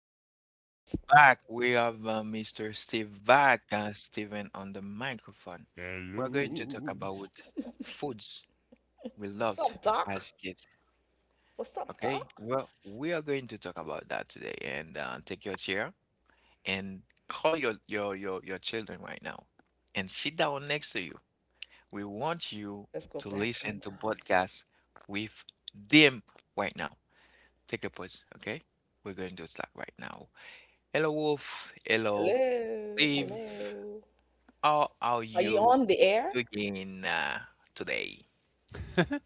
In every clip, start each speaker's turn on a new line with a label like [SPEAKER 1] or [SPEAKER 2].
[SPEAKER 1] we have Wolf
[SPEAKER 2] kids.
[SPEAKER 1] back. We have Mr. Steve back. Steven on the microphone. We're going to talk
[SPEAKER 3] Hello.
[SPEAKER 1] about foods we
[SPEAKER 2] What's
[SPEAKER 1] loved
[SPEAKER 2] up, Doc?
[SPEAKER 1] as kids.
[SPEAKER 2] What's up,
[SPEAKER 1] Okay.
[SPEAKER 2] Doc?
[SPEAKER 1] Well, we are going to talk about that today. And take your chair and call your children right now and sit down next to you. We want you
[SPEAKER 2] Let's go
[SPEAKER 1] to
[SPEAKER 2] back
[SPEAKER 1] listen
[SPEAKER 2] in
[SPEAKER 1] to
[SPEAKER 2] time.
[SPEAKER 1] podcasts with them right now. Take a pause. Okay. We're going to start right now. Hello, Wolf. Hello,
[SPEAKER 2] Hello,
[SPEAKER 1] Steve.
[SPEAKER 2] hello.
[SPEAKER 1] How are
[SPEAKER 2] Are you
[SPEAKER 1] you
[SPEAKER 2] on the air?
[SPEAKER 1] doing today?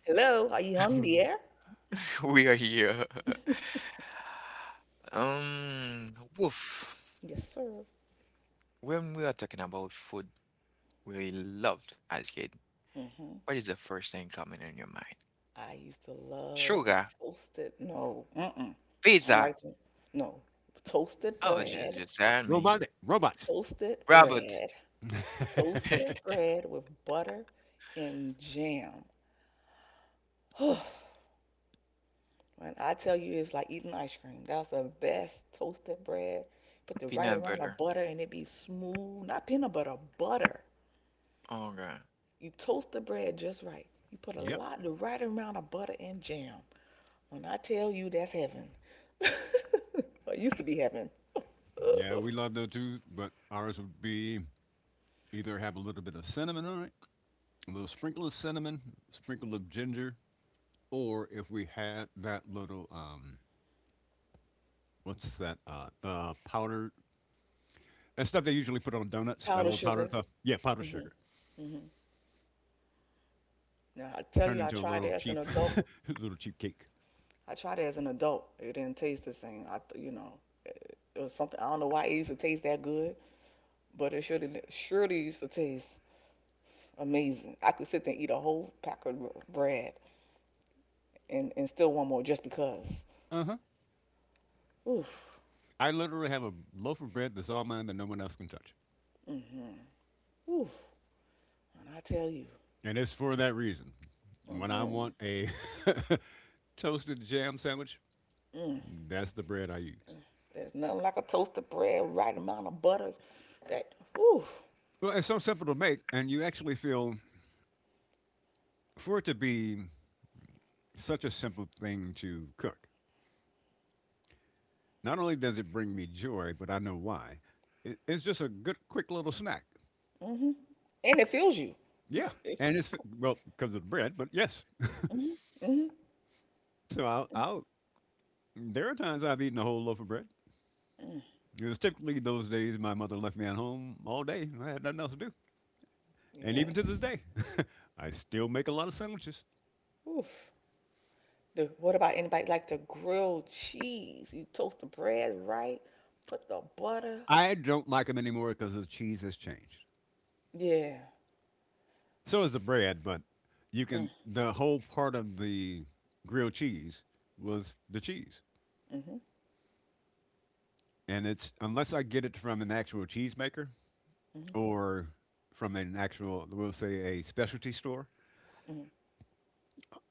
[SPEAKER 2] Hello, are you on the air?
[SPEAKER 1] We are here. Wolf,
[SPEAKER 2] Yes, sir.
[SPEAKER 1] when we are talking about food we loved as kid,
[SPEAKER 2] Hmm.
[SPEAKER 1] what is the first thing coming in your mind?
[SPEAKER 2] I used to love
[SPEAKER 1] Sugar,
[SPEAKER 2] toasted. No, mm-mm. I don't
[SPEAKER 1] pizza.
[SPEAKER 2] like to. No, toasted
[SPEAKER 1] Oh, just,
[SPEAKER 2] bread,
[SPEAKER 1] just tell me.
[SPEAKER 3] Robotic robots.
[SPEAKER 2] toasted
[SPEAKER 1] Rabbit,
[SPEAKER 2] bread, toasted bread with butter and jam. When I tell you it's like eating ice cream. That's the best toasted bread. Put the right
[SPEAKER 1] peanut
[SPEAKER 2] amount of
[SPEAKER 1] butter.
[SPEAKER 2] butter and it be smooth. Not peanut butter, butter.
[SPEAKER 1] Okay.
[SPEAKER 2] You toast the bread just right. You put a
[SPEAKER 3] Yep.
[SPEAKER 2] lot, the right amount of butter and jam. When I tell you that's heaven. Or used to be heaven.
[SPEAKER 3] Yeah, we love those too, but ours would be either have a little bit of cinnamon on it, a little sprinkle of cinnamon, sprinkle of ginger, or if we had that little what's that? The powder that stuff they usually put on donuts. That
[SPEAKER 2] Powdered
[SPEAKER 3] little powder
[SPEAKER 2] sugar.
[SPEAKER 3] stuff. Yeah, powdered
[SPEAKER 2] Hmm.
[SPEAKER 3] sugar
[SPEAKER 2] Hmm. Now I tell
[SPEAKER 3] turned
[SPEAKER 2] you, I
[SPEAKER 3] into a
[SPEAKER 2] tried it
[SPEAKER 3] little
[SPEAKER 2] as an
[SPEAKER 3] cheap,
[SPEAKER 2] adult.
[SPEAKER 3] little cheap cake.
[SPEAKER 2] I tried it as an adult. It didn't taste the same. I, it was something. I don't know why it used to taste that good, but it surely surely used to taste amazing. I could sit there and eat a whole pack of bread and still want more just because.
[SPEAKER 3] Uh huh.
[SPEAKER 2] Oof.
[SPEAKER 3] I literally have a loaf of bread that's all mine that no one else can touch.
[SPEAKER 2] Mm-hmm. Oof. And I tell you,
[SPEAKER 3] And it's for that reason. When I
[SPEAKER 2] mm-hmm.
[SPEAKER 3] want a toasted jam sandwich,
[SPEAKER 2] Mm.
[SPEAKER 3] that's the bread I use.
[SPEAKER 2] There's nothing like a toasted bread, right amount of butter. That oof.
[SPEAKER 3] Well, it's so simple to make, and you actually feel for it to be such a simple thing to cook. Not only does it bring me joy, but I know why. It's just a good, quick little snack.
[SPEAKER 2] Mm-hmm. And it fills you.
[SPEAKER 3] Yeah, and it's well because of the bread, but yes.
[SPEAKER 2] Mm-hmm. Mm-hmm.
[SPEAKER 3] So I'll, I'll. There are times I've eaten a whole loaf of bread.
[SPEAKER 2] Mm.
[SPEAKER 3] It was typically those days my mother left me at home all day. I had nothing else to do. And even to
[SPEAKER 2] Yes.
[SPEAKER 3] this day, I still make a lot of sandwiches.
[SPEAKER 2] Oof. The, what about anybody like the grilled cheese? You toast the bread right, put the butter.
[SPEAKER 3] I don't like them anymore because the cheese has changed.
[SPEAKER 2] Yeah.
[SPEAKER 3] So is the bread, but you
[SPEAKER 2] Mm.
[SPEAKER 3] can, the whole part of the grilled cheese was the cheese.
[SPEAKER 2] Mhm.
[SPEAKER 3] And it's, unless I get it from an actual cheesemaker
[SPEAKER 2] Mhm.
[SPEAKER 3] or from an actual, we'll say a specialty store,
[SPEAKER 2] Mhm.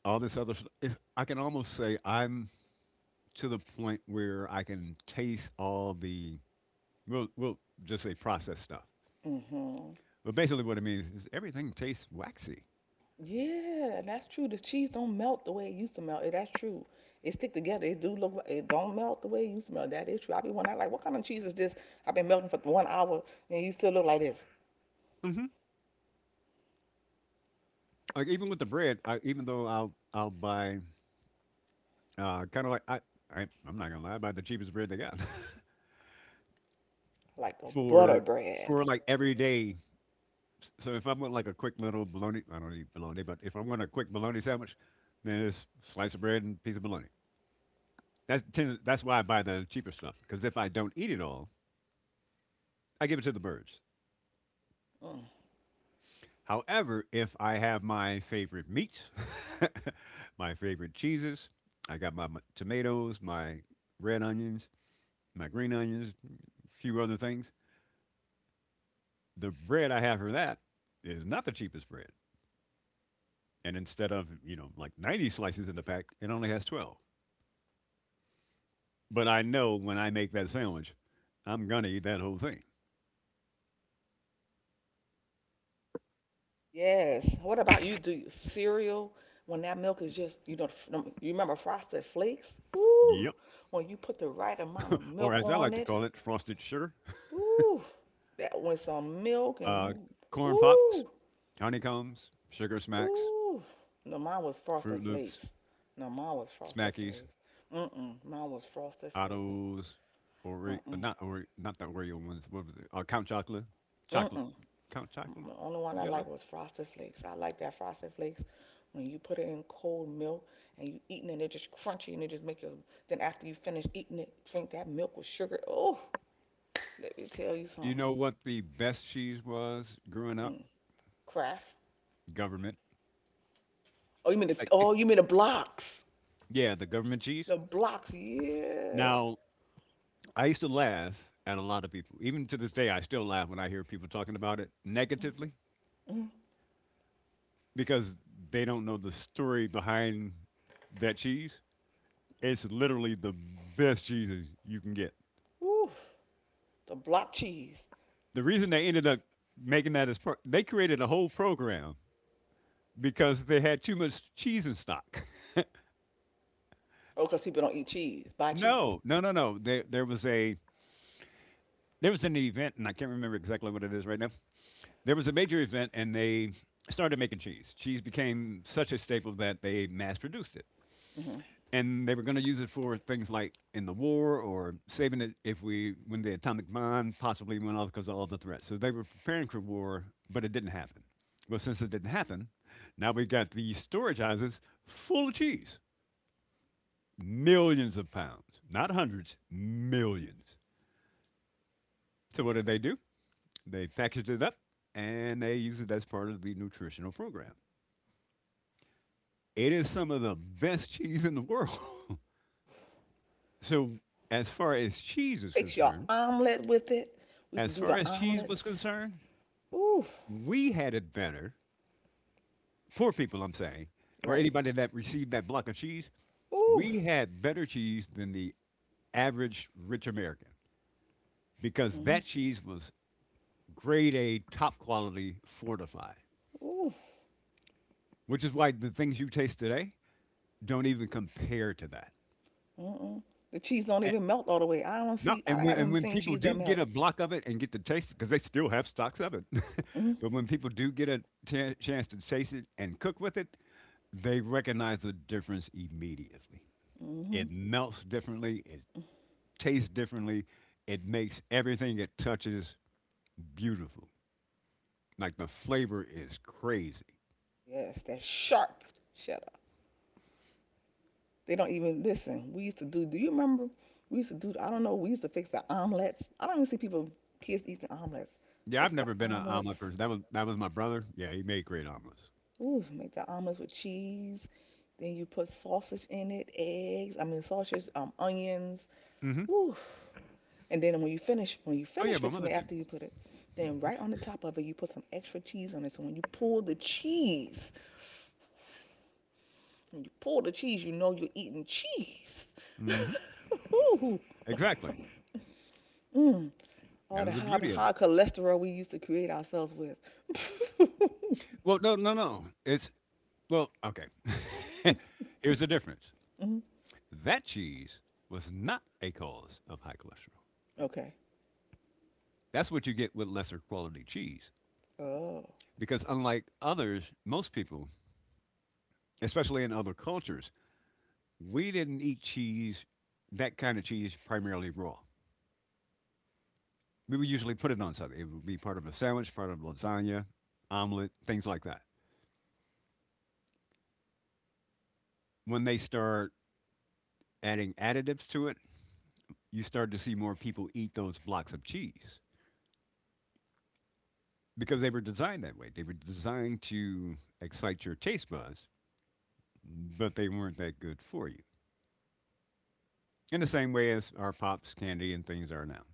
[SPEAKER 3] all this other, it's, I can almost say I'm to the point where I can taste all the, we'll just say processed stuff.
[SPEAKER 2] Mhm.
[SPEAKER 3] But basically, what it means is everything tastes waxy.
[SPEAKER 2] Yeah, and that's true. The cheese don't melt the way it used to melt. Eh, that's true. It stick together. It do look. Like, it don't melt the way it used to melt. That is true. I be wondering like, what kind of cheese is this? I've been melting for one hour and you still look like this,
[SPEAKER 3] Hmm Like even with the bread, I, even though I'll buy kind of like I'm not gonna lie, I buy the cheapest bread they got
[SPEAKER 2] like a butter
[SPEAKER 3] for
[SPEAKER 2] bread.
[SPEAKER 3] for like every day. So if I want like a quick little bologna, I don't eat bologna, but if I want a quick bologna sandwich, then it's slice of bread and piece of bologna. That's why I buy the cheaper stuff because if I don't eat it all, I give it to the birds.
[SPEAKER 2] Mm.
[SPEAKER 3] However, if I have my favorite meats, my favorite cheeses, I got my tomatoes, my red onions, my green onions, a few other things. The bread I have for that is not the cheapest bread. And instead of, you know, like 90 slices in the pack, it only has 12. But I know when I make that sandwich, I'm going to eat that whole thing.
[SPEAKER 2] Yes. What about you? Do you, cereal when that milk is just f- you remember Frosted Flakes? Ooh,
[SPEAKER 3] Yep.
[SPEAKER 2] when you put the right amount of
[SPEAKER 3] Or
[SPEAKER 2] milk
[SPEAKER 3] as I
[SPEAKER 2] on
[SPEAKER 3] like to
[SPEAKER 2] it.
[SPEAKER 3] call it, frosted sugar,
[SPEAKER 2] Ooh, that with some milk and
[SPEAKER 3] uh,
[SPEAKER 2] you.
[SPEAKER 3] corn pops,
[SPEAKER 2] Ooh.
[SPEAKER 3] honeycombs, sugar smacks,
[SPEAKER 2] Ooh. No, mine was Frosted
[SPEAKER 3] Fruit Loops,
[SPEAKER 2] Flakes. No, mine was Frosted
[SPEAKER 3] Smackies,
[SPEAKER 2] Flakes. Mm-mm. Mine was Frosted Flakes.
[SPEAKER 3] Ottos, Oreo,
[SPEAKER 2] Mm-mm.
[SPEAKER 3] not Oreo, not the Oreo ones. What was it? Count Chocolate, chocolate,
[SPEAKER 2] Mm-mm.
[SPEAKER 3] Count Chocolate.
[SPEAKER 2] The only one I
[SPEAKER 3] You
[SPEAKER 2] liked was Frosted Flakes. I like that Frosted Flakes when you put it in cold milk and you eating it, it just crunchy and it just make you. Then after you finish eating it, drink that milk with sugar. Oh, let me tell you
[SPEAKER 3] You
[SPEAKER 2] something.
[SPEAKER 3] know what the best cheese was growing up?
[SPEAKER 2] Mm. Craft.
[SPEAKER 3] Government.
[SPEAKER 2] Oh, you mean the?
[SPEAKER 3] Like, eh,
[SPEAKER 2] Oh, you mean the blocks?
[SPEAKER 3] yeah, the government cheese.
[SPEAKER 2] The blocks, yeah.
[SPEAKER 3] Now, I used to laugh at a lot of people. Even to this day, I still laugh when I hear people talking about it negatively
[SPEAKER 2] Mm.
[SPEAKER 3] because they don't know the story behind that cheese. It's literally the best cheeses you can get.
[SPEAKER 2] Ooh, the block cheese.
[SPEAKER 3] The reason they ended up making that is they created a whole program because they had too much cheese in stock.
[SPEAKER 2] Oh, because people don't eat cheese. Buy cheese.
[SPEAKER 3] No, no, no, no. There was an event, and I can't remember exactly what it is right now. There was a major event, and they started making cheese. Cheese became such a staple that they mass produced it,
[SPEAKER 2] Hmm.
[SPEAKER 3] and they were going to use it for things like in the war or saving it if we when the atomic bomb possibly went off because of all the threats. So they were preparing for war, but it didn't happen. Well, since it didn't happen, now we got these storage houses full of cheese, millions of pounds, not hundreds, millions. So what did they do? They packaged it up and they use it as part of the nutritional program. It is some of the best cheese in the world. So, as far as cheese is
[SPEAKER 2] Fix your
[SPEAKER 3] concerned,
[SPEAKER 2] omelet with it. We used to
[SPEAKER 3] as
[SPEAKER 2] do
[SPEAKER 3] far
[SPEAKER 2] the
[SPEAKER 3] as cheese
[SPEAKER 2] omelets.
[SPEAKER 3] was concerned,
[SPEAKER 2] Oof.
[SPEAKER 3] we had it better. Poor people, I'm saying, or
[SPEAKER 2] Right.
[SPEAKER 3] anybody that received that block of cheese,
[SPEAKER 2] Oof.
[SPEAKER 3] we had better cheese than the average rich American because
[SPEAKER 2] Hmm.
[SPEAKER 3] that cheese was grade A, top quality, fortified,
[SPEAKER 2] Oof.
[SPEAKER 3] which is why the things you taste today don't even compare to that.
[SPEAKER 2] Mm-mm. The cheese don't even melt all the way. I don't
[SPEAKER 3] No,
[SPEAKER 2] see. I
[SPEAKER 3] and
[SPEAKER 2] haven't
[SPEAKER 3] when
[SPEAKER 2] seen
[SPEAKER 3] people
[SPEAKER 2] cheese that
[SPEAKER 3] do get
[SPEAKER 2] melt.
[SPEAKER 3] a block of it and get to taste it, because they still have stocks of it,
[SPEAKER 2] Hmm.
[SPEAKER 3] but when people do get a chance to taste it and cook with it, they recognize the difference immediately.
[SPEAKER 2] Hmm.
[SPEAKER 3] It melts differently. It tastes differently. It makes everything it touches beautiful. Like the flavor is crazy.
[SPEAKER 2] Yes, that sharp cheddar. They don't even listen. We used to do. Do you remember? We used to do. I don't know. We used to fix the omelets. I don't even see people, kids eating omelets.
[SPEAKER 3] Yeah, I've
[SPEAKER 2] Fix the
[SPEAKER 3] never been an
[SPEAKER 2] omelets.
[SPEAKER 3] omelet person. That was my brother. Yeah, he made great omelets.
[SPEAKER 2] Ooh, make the omelets with cheese. Then you put sausage in it, eggs. I mean sausage, onions.
[SPEAKER 3] Hmm
[SPEAKER 2] Ooh. And then when you
[SPEAKER 3] Oh yeah,
[SPEAKER 2] finish
[SPEAKER 3] my
[SPEAKER 2] fixing
[SPEAKER 3] mother
[SPEAKER 2] it
[SPEAKER 3] too.
[SPEAKER 2] after you put it, then right on the top of it you put some extra cheese on it. So when you pull the cheese, when you pull the cheese, you know you're eating cheese.
[SPEAKER 3] Hmm
[SPEAKER 2] Ooh.
[SPEAKER 3] Exactly.
[SPEAKER 2] Mm.
[SPEAKER 3] That
[SPEAKER 2] All the
[SPEAKER 3] was the
[SPEAKER 2] high,
[SPEAKER 3] beauty of
[SPEAKER 2] high
[SPEAKER 3] it.
[SPEAKER 2] cholesterol we used to create ourselves with.
[SPEAKER 3] Well, no, no, no. It's Well, okay. Here's the difference.
[SPEAKER 2] Mm.
[SPEAKER 3] That cheese was not a cause of high cholesterol.
[SPEAKER 2] Okay.
[SPEAKER 3] That's what you get with lesser quality cheese.
[SPEAKER 2] Oh.
[SPEAKER 3] Because unlike others, most people, especially in other cultures, we didn't eat cheese, that kind of cheese, primarily raw. We would usually put it on something. It would be part of a sandwich, part of lasagna, omelet, things like that. When they start adding additives to it, you start to see more people eat those blocks of cheese, because they were designed that way. They were designed to excite your taste buds, but they weren't that good for you. In the same way as our pops, candy, and things are now.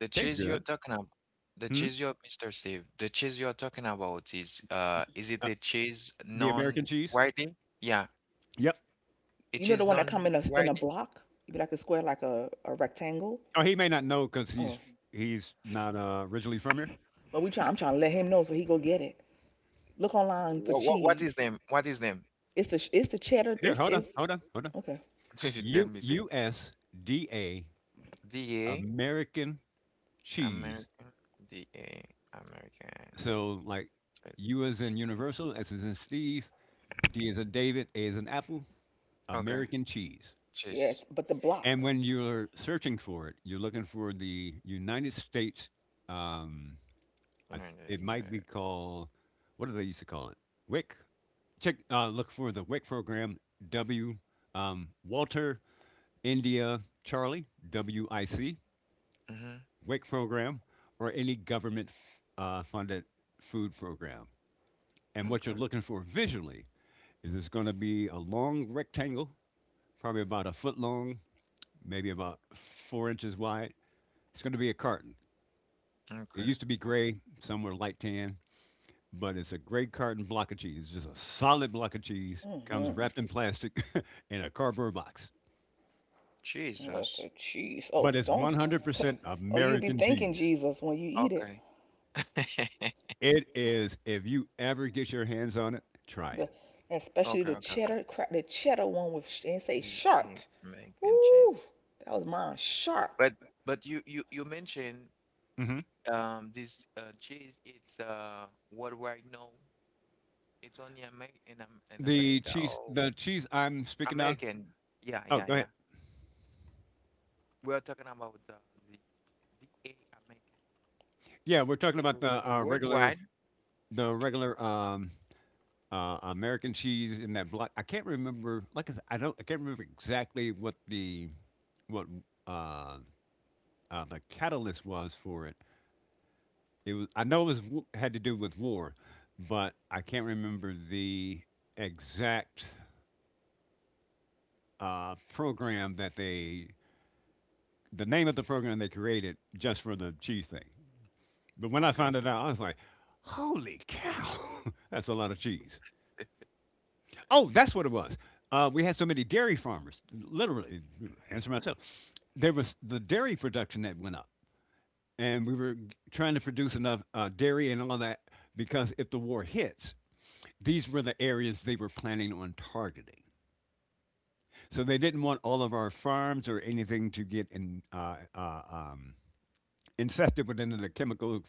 [SPEAKER 1] The
[SPEAKER 3] Tastes
[SPEAKER 1] cheese you're
[SPEAKER 3] good.
[SPEAKER 1] talking about, the
[SPEAKER 3] Hmm?
[SPEAKER 1] cheese you're, Mr. Steve, the cheese you're talking about, is it
[SPEAKER 3] Uh,
[SPEAKER 1] a cheese
[SPEAKER 3] the American cheese.
[SPEAKER 1] non-whiting? Yeah,
[SPEAKER 3] Yep.
[SPEAKER 1] a
[SPEAKER 2] You know
[SPEAKER 1] cheese
[SPEAKER 2] the
[SPEAKER 1] is
[SPEAKER 2] one that come in a
[SPEAKER 1] non-whiting.
[SPEAKER 2] block? It'd be like a square, like a rectangle.
[SPEAKER 3] Oh, he may not know because
[SPEAKER 2] Oh,
[SPEAKER 3] he's not originally from here.
[SPEAKER 2] but we try. I'm trying to let him know so he go get it. Look online for
[SPEAKER 1] What
[SPEAKER 2] cheese.
[SPEAKER 1] is them? What is them?
[SPEAKER 2] It's the cheddar.
[SPEAKER 3] Here,
[SPEAKER 2] It's
[SPEAKER 3] hold on,
[SPEAKER 2] it's
[SPEAKER 3] hold on, hold on.
[SPEAKER 2] okay.
[SPEAKER 1] Let
[SPEAKER 3] U
[SPEAKER 1] me see.
[SPEAKER 3] U S D A
[SPEAKER 1] DA
[SPEAKER 3] American cheese.
[SPEAKER 1] American DA American
[SPEAKER 3] So like
[SPEAKER 1] cheese.
[SPEAKER 3] U is in Universal, S is in Steve, D is in David, A is in Apple.
[SPEAKER 1] Okay,
[SPEAKER 3] American cheese.
[SPEAKER 2] Yes,
[SPEAKER 1] cheese.
[SPEAKER 2] but the
[SPEAKER 3] And
[SPEAKER 2] block.
[SPEAKER 3] when you're searching for it, you're looking for the United States. Um, it
[SPEAKER 1] United
[SPEAKER 3] might be
[SPEAKER 1] States.
[SPEAKER 3] called what do they used to call it? WIC. Check. Look for the WIC program. W. Walter India Charlie W I C
[SPEAKER 1] Mm-hmm.
[SPEAKER 3] WIC program or any government funded food program. And what you're
[SPEAKER 1] Okay.
[SPEAKER 3] looking for visually is it's going to be a long rectangle, probably about a foot long, maybe about four inches wide. It's going to be a carton. It
[SPEAKER 1] Okay.
[SPEAKER 3] used to be
[SPEAKER 1] Okay.
[SPEAKER 3] gray, some were light tan, but it's a gray carton block of cheese. Just a solid block of cheese. Comes
[SPEAKER 2] Mm-hmm.
[SPEAKER 3] wrapped in plastic in a cardboard box.
[SPEAKER 2] What's
[SPEAKER 1] Jesus.
[SPEAKER 2] the cheese? Oh,
[SPEAKER 3] But it's
[SPEAKER 2] don't.
[SPEAKER 3] 100%
[SPEAKER 2] Oh, you'll be
[SPEAKER 3] American
[SPEAKER 2] thanking
[SPEAKER 3] cheese.
[SPEAKER 2] Jesus when you eat it.
[SPEAKER 1] Okay.
[SPEAKER 3] It is, if you ever get your hands on it, try it.
[SPEAKER 2] The especially
[SPEAKER 1] Okay,
[SPEAKER 2] the
[SPEAKER 1] okay, okay.
[SPEAKER 2] cheddar crap. The cheddar one with sh- and say sharp.
[SPEAKER 1] DA American
[SPEAKER 2] Ooh,
[SPEAKER 1] cheese.
[SPEAKER 2] that was mine. Sharp.
[SPEAKER 1] But but you mentioned
[SPEAKER 3] Hmm
[SPEAKER 1] this cheese, it's worldwide now. It's only Amer in Am in America or
[SPEAKER 3] The cheese I'm speaking of.
[SPEAKER 1] American. Yeah,
[SPEAKER 3] Oh,
[SPEAKER 1] yeah,
[SPEAKER 3] go ahead.
[SPEAKER 1] yeah. We're talking about the the a American
[SPEAKER 3] Yeah, we're talking
[SPEAKER 1] cheese. Is
[SPEAKER 3] about the
[SPEAKER 1] it a worldwide?
[SPEAKER 3] the
[SPEAKER 1] It is
[SPEAKER 3] regular American cheese in that block. I can't remember. Like I, said, I don't, I can't remember exactly what uh, the catalyst was for it. It was I know it was had to do with war, but I can't remember the exact program that they the name of the program they created just for the cheese thing. But when I found
[SPEAKER 1] okay.
[SPEAKER 3] it out, I was like, "Holy cow, that's a lot of cheese!" Oh, that's what it was. We had so many dairy farmers, literally, answer myself. There was the dairy production that went up and we were trying to produce enough dairy and all that because if the war hits, these were the areas they were planning on targeting. So they didn't want all of our farms or anything to get in, infested with any of the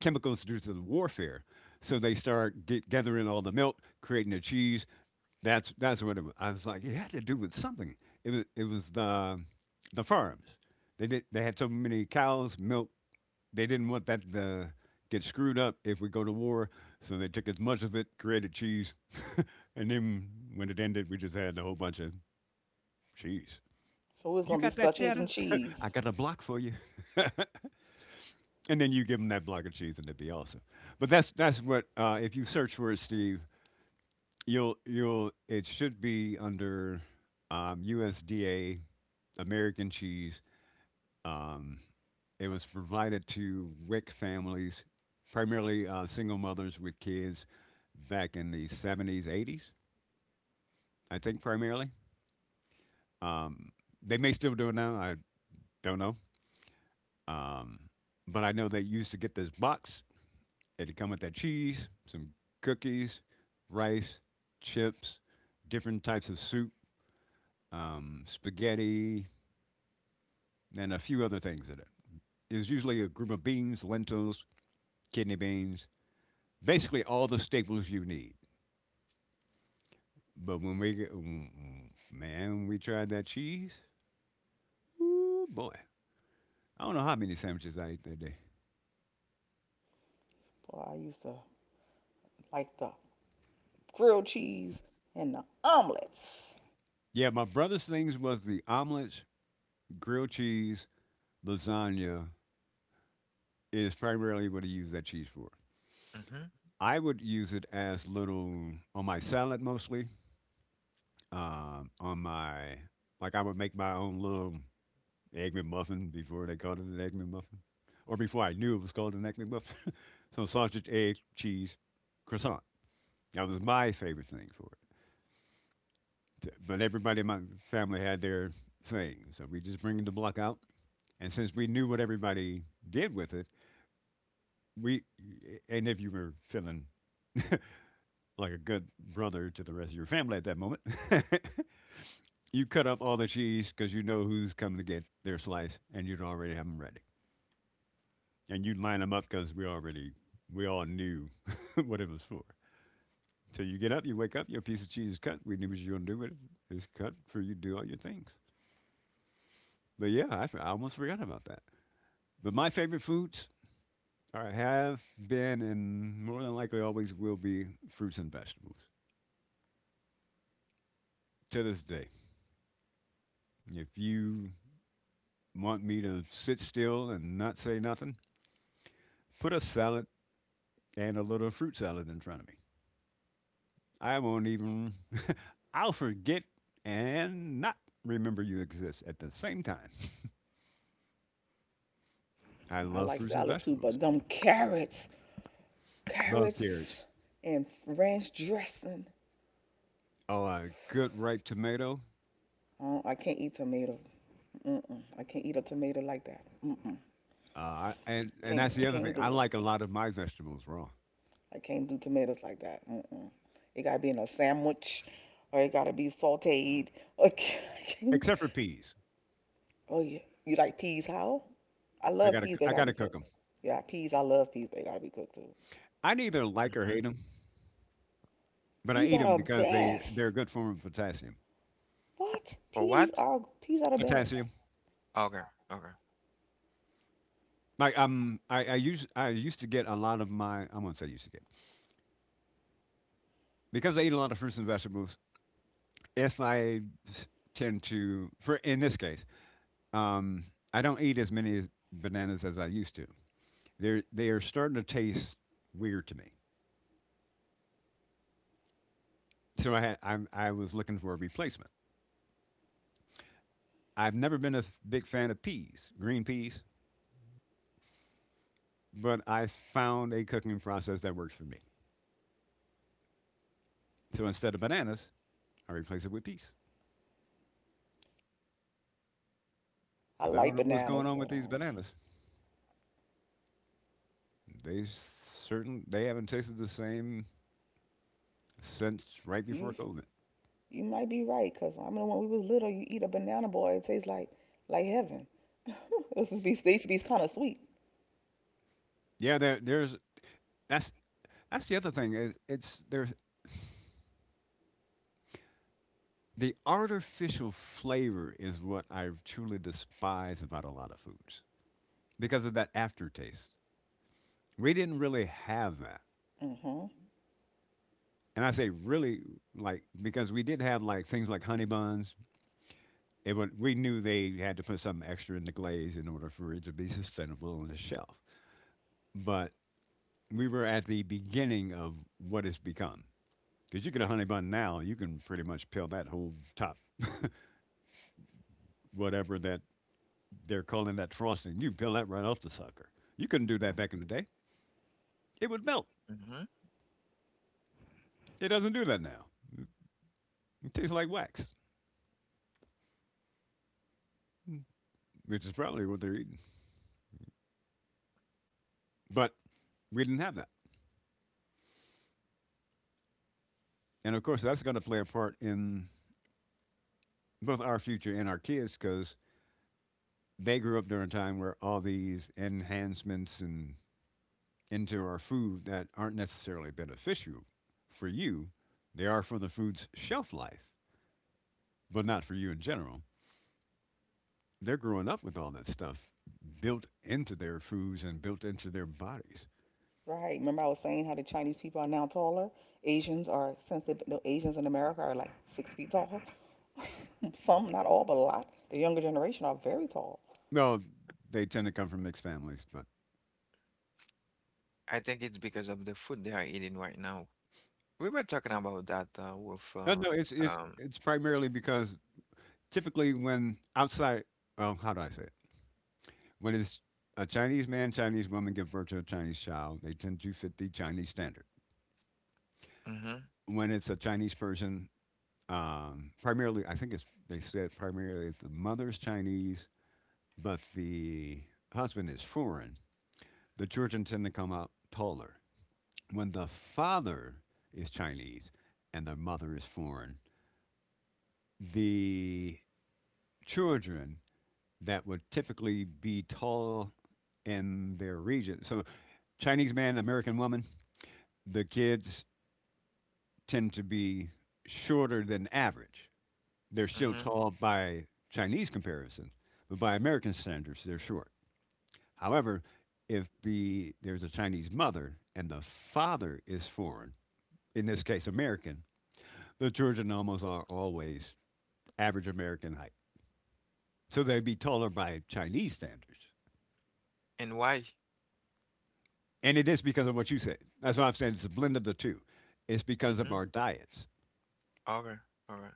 [SPEAKER 3] chemicals due to the warfare. So they gathering all the milk, creating the cheese. That's what it was. I was like. It had to do with something. It was the farms. They had so many cows, milk, they didn't want that to get screwed up if we go to war, so they took as much of it, created cheese, and then when it ended, we just had a whole bunch of cheese.
[SPEAKER 2] So we was
[SPEAKER 3] You
[SPEAKER 2] gonna be
[SPEAKER 3] got that
[SPEAKER 2] stuck eating
[SPEAKER 3] cheddar?
[SPEAKER 2] cheese.
[SPEAKER 3] I got a block for you. And then you give them that block of cheese, and it'd be awesome. But that's what, if you search for it, Steve, you'll it should be under USDA American cheese. Um, it was provided to WIC families, primarily single mothers with kids back in the 70s, 80s, I think primarily. Um, they may still do it now, I don't know. Um, but I know they used to get this box. It'd come with that cheese, some cookies, rice, chips, different types of soup, spaghetti, and a few other things in it. It was usually a group of beans, lentils, kidney beans, basically all the staples you need. But when we get, mm, mm, man, when we tried that cheese. Ooh, boy. I don't know how many sandwiches I ate that day.
[SPEAKER 2] Boy, I used to like the grilled cheese, and the omelets.
[SPEAKER 3] Yeah, my brother's things was the omelets, grilled cheese, lasagna is primarily what he used that cheese for.
[SPEAKER 1] Mm-hmm.
[SPEAKER 3] I would use it as little on my salad mostly. On my Like I would make my own little egg McMuffin before they called it an egg McMuffin, or before I knew it was called an egg McMuffin. So sausage, egg, cheese, croissant. That was my favorite thing for it. But everybody in my family had their thing, so we just bring the block out. And since we knew what everybody did with it, we and if you were feeling like a good brother to the rest of your family at that moment, you cut up all the cheese because you know who's coming to get their slice, and you'd already have them ready. And you line them up because we all knew what it was for. So you get up, you wake up, your piece of cheese is cut. We knew what you were gonna do with it. It's cut for you to do all your things. But yeah, I almost forgot about that. But my favorite foods are have been and more than likely always will be fruits and vegetables to this day. If you want me to sit still and not say nothing, put a salad and a little fruit salad in front of me. I won't even I'll forget and not remember you exist at the same time. I
[SPEAKER 2] I
[SPEAKER 3] love
[SPEAKER 2] like
[SPEAKER 3] fruits and
[SPEAKER 2] salads too,
[SPEAKER 3] vegetables.
[SPEAKER 2] but them carrots,
[SPEAKER 3] Love
[SPEAKER 2] carrots
[SPEAKER 3] carrots.
[SPEAKER 2] and ranch dressing.
[SPEAKER 3] Oh, a good ripe tomato.
[SPEAKER 2] I can't eat tomato. Mm-mm. I can't eat a tomato like that. Mm-mm.
[SPEAKER 3] And that's
[SPEAKER 2] Can't, I
[SPEAKER 3] the other thing.
[SPEAKER 2] can't do
[SPEAKER 3] I
[SPEAKER 2] it.
[SPEAKER 3] like a lot of my vegetables raw,
[SPEAKER 2] I can't do tomatoes like that. Mm-mm. It gotta be in a sandwich, or it gotta be sautéed. Okay.
[SPEAKER 3] except for peas.
[SPEAKER 2] Oh yeah. You like peas? How? I
[SPEAKER 3] I
[SPEAKER 2] love
[SPEAKER 3] gotta
[SPEAKER 2] peas, but they
[SPEAKER 3] I
[SPEAKER 2] gotta
[SPEAKER 3] gotta
[SPEAKER 2] be
[SPEAKER 3] cook
[SPEAKER 2] cooked.
[SPEAKER 3] them.
[SPEAKER 2] Yeah, peas. I love peas, but they gotta be cooked too.
[SPEAKER 3] I neither like or
[SPEAKER 1] Mm-hmm.
[SPEAKER 3] hate them, but I
[SPEAKER 2] Peas
[SPEAKER 3] eat them
[SPEAKER 2] are the
[SPEAKER 3] because they
[SPEAKER 2] best.
[SPEAKER 3] they're a good form of potassium.
[SPEAKER 2] What?
[SPEAKER 1] For
[SPEAKER 2] Peas
[SPEAKER 1] what?
[SPEAKER 2] are peas are the best.
[SPEAKER 3] Potassium.
[SPEAKER 1] Okay, okay.
[SPEAKER 3] Like I used to get a lot of my, I won't say used to get because I eat a lot of fruits and vegetables. If I s- tend to for In this case um, I don't eat as many bananas as I used to. They are starting to taste weird to me. So I was looking for a replacement. I've never been a big fan of peas, green peas, but I found a cooking process that works for me. So instead of bananas, I replace it with peas
[SPEAKER 2] I
[SPEAKER 3] because I don't
[SPEAKER 2] like
[SPEAKER 3] know what's going
[SPEAKER 2] bananas,
[SPEAKER 3] on with
[SPEAKER 2] but
[SPEAKER 3] these bananas. They haven't tasted the same since right before
[SPEAKER 2] you
[SPEAKER 3] COVID.
[SPEAKER 2] you might be right, cause I remember when we was little, you eat a banana boy, it tastes like heaven. It used to be they used to be kind of sweet.
[SPEAKER 3] Yeah, there there's that's that's the other thing is it's there's the artificial flavor is what I truly despise about a lot of foods because of that aftertaste. We didn't really have that.
[SPEAKER 2] Mhm.
[SPEAKER 3] And I say really like because we did have like things like honey buns. It would, we knew they had to put something extra in the glaze in order for it to be sustainable on the shelf. But we were at the beginning of what it's become. Because you get a honey bun now, you can pretty much peel that whole top, whatever that they're calling that frosting. You can peel that right off the sucker. You couldn't do that back in the day. It would melt.
[SPEAKER 1] Mm-hmm.
[SPEAKER 3] It doesn't do that now. It tastes like wax, which is probably what they're eating. But we didn't have that. And of course, that's going to play a part in both our future and our kids because they grew up during a time where all these enhancements and into our food that aren't necessarily beneficial for you, they are for the food's shelf life, but not for you in general. They're growing up with all that stuff built into their foods and built into their bodies.
[SPEAKER 2] Right. Remember I was saying how the Chinese people are now taller. Asians are since they no, Asians in America are like six feet tall. Some, not all, but a lot. The younger generation are very tall.
[SPEAKER 3] No, they tend to come from mixed families, but
[SPEAKER 1] I think it's because of the food they are eating right now. We were talking about that, with uh,
[SPEAKER 3] no, it's it's
[SPEAKER 1] um.
[SPEAKER 3] it's primarily because typically when outside, well, how do I say it? When it's a Chinese man, Chinese woman give birth to a Chinese child, they tend to fit the Chinese standard.
[SPEAKER 1] Mm-hmm.
[SPEAKER 3] When it's a Chinese person, primarily, I think it's they said primarily if the mother's Chinese, but the husband is foreign. The children tend to come out taller when the father is Chinese and the mother is foreign, the children that would typically be tall in their region. So, Chinese man, American woman, the kids tend to be shorter than average. They're still
[SPEAKER 1] Mm-hmm.
[SPEAKER 3] tall by Chinese comparison, but by American standards, they're short. However, if the there's a Chinese mother and the father is foreign, in this case American, the children almost are always average American height. So they'd be taller by Chinese standards.
[SPEAKER 1] And why?
[SPEAKER 3] And it is because of what you said. That's what I'm saying. It's a blend of the two. It's because of
[SPEAKER 1] Mm-hmm.
[SPEAKER 3] our diets.
[SPEAKER 1] Okay, alright.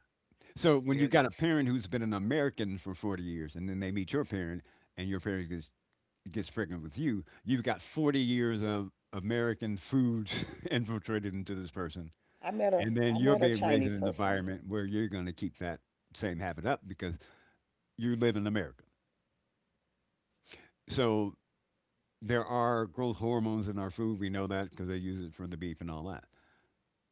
[SPEAKER 3] So when you've
[SPEAKER 1] Because,
[SPEAKER 3] got a parent who's been an American for 40 years and then they meet your parent and gets pregnant with you, you've got 40 years of American food infiltrated into this person.
[SPEAKER 2] I met a
[SPEAKER 3] And then
[SPEAKER 2] I
[SPEAKER 3] you're
[SPEAKER 2] met a
[SPEAKER 3] being raised in
[SPEAKER 2] Chinese
[SPEAKER 3] an
[SPEAKER 2] person.
[SPEAKER 3] environment where you're going to keep that same habit up because you live in America. So there are growth hormones in our food. We know that because they use it for the beef and all that.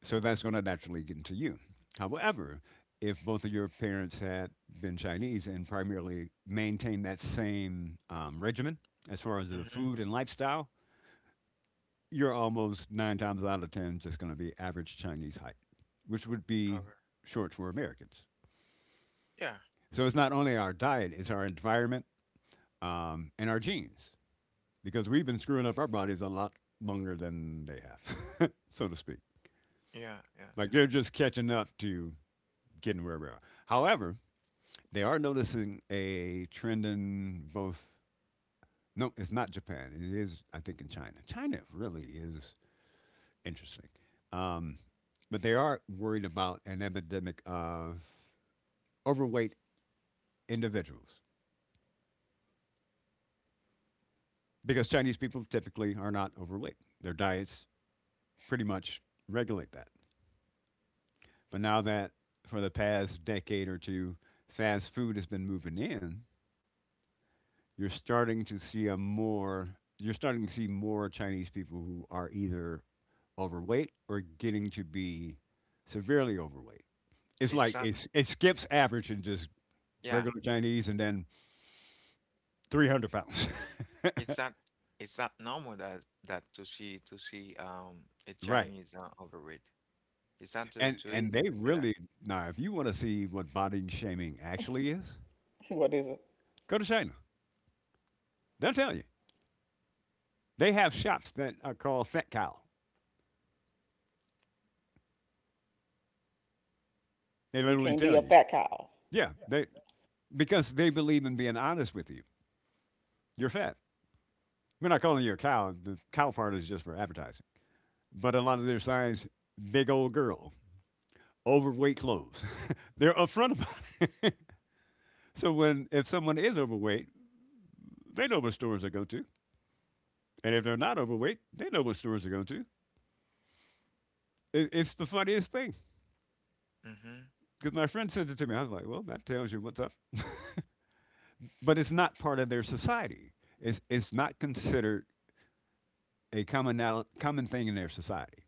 [SPEAKER 3] So that's going to naturally get into you. However, if both of your parents had been Chinese and primarily maintained that same regimen as far as the
[SPEAKER 1] mhm,
[SPEAKER 3] food and lifestyle, you're almost nine times out of 10 just going to be average Chinese height, which would be
[SPEAKER 1] okay.
[SPEAKER 3] short for Americans.
[SPEAKER 1] Yeah,
[SPEAKER 3] So it's not only our diet, it's our environment and our genes. Because we've been screwing up our bodies a lot longer than they have, so to speak.
[SPEAKER 1] yeah, yeah,
[SPEAKER 3] Like
[SPEAKER 1] yeah.
[SPEAKER 3] they're just catching up to getting where we are. However, they are noticing a trend in both. No, it's not Japan. It is, I think, in China. China really is interesting. Um, but they are worried about an epidemic of overweight individuals because Chinese people typically are not overweight. Their diets pretty much regulate that. But now that for the past decade or two, fast food has been moving in, you're starting to see a more you're starting to see more Chinese people who are either overweight or getting to be severely overweight. It's like
[SPEAKER 1] It's not,
[SPEAKER 3] it skips average and just
[SPEAKER 1] yeah,
[SPEAKER 3] regular Chinese and then 300 pounds.
[SPEAKER 1] it's not it's not normal that to see a
[SPEAKER 3] Right.
[SPEAKER 1] Chinese, overweight. It's not too too
[SPEAKER 3] And
[SPEAKER 1] easy
[SPEAKER 3] they
[SPEAKER 1] to see that.
[SPEAKER 3] really now if you want to see what body shaming actually is,
[SPEAKER 2] What is it?
[SPEAKER 3] go to China. They'll tell you. They have shops that are called Fat Cow. They
[SPEAKER 2] You
[SPEAKER 3] literally
[SPEAKER 2] can't be
[SPEAKER 3] tell
[SPEAKER 2] a
[SPEAKER 3] you.
[SPEAKER 2] fat cow.
[SPEAKER 3] Yeah, they, because they believe in being honest with you. You're fat. We're not calling you a cow. The cow part is just for advertising. But a lot of their signs, big old girl, overweight clothes. They're upfront about it. So when if someone is overweight, they know what stores they go to, and if they're not overweight, they know what stores they go to. It's the funniest thing
[SPEAKER 1] Mm-hmm.
[SPEAKER 3] because my friend sent it to me. I was like, well, that tells you what's up. But it's not part of their society. It's not considered a common common thing in their society.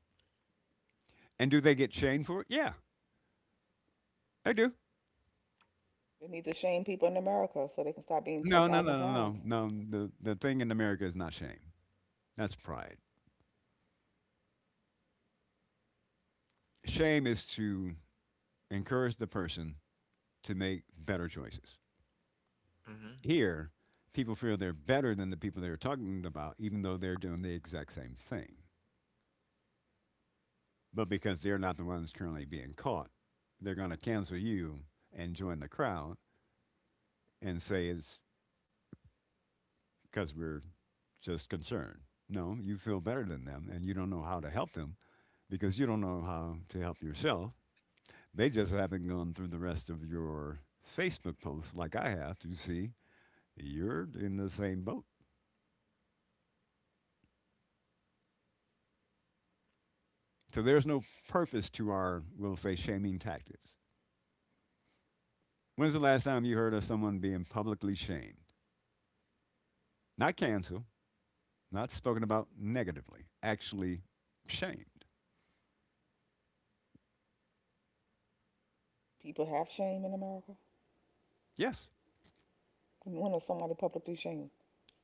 [SPEAKER 3] And do they get shamed for it? Yeah, I do.
[SPEAKER 2] They need to shame people in America so they can stop being
[SPEAKER 3] No, no,
[SPEAKER 2] 10,000
[SPEAKER 3] no,
[SPEAKER 2] pounds.
[SPEAKER 3] no, no, no. The thing in America is not shame. That's pride. Shame is to encourage the person to make better choices.
[SPEAKER 1] Mm-hmm.
[SPEAKER 3] Here, people feel they're better than the people they're talking about, even though they're doing the exact same thing. But because they're not the ones currently being caught, they're going to cancel you and join the crowd and say it's because we're just concerned. No, you feel better than them, and you don't know how to help them because you don't know how to help yourself. They just haven't gone through the rest of your Facebook posts like I have to see you're in the same boat. So there's no purpose to our, we'll say, shaming tactics. When's the last time you heard of someone being publicly shamed? Not canceled, not spoken about negatively, actually shamed.
[SPEAKER 2] People have shame in America.
[SPEAKER 3] Yes,
[SPEAKER 2] When is somebody publicly shamed?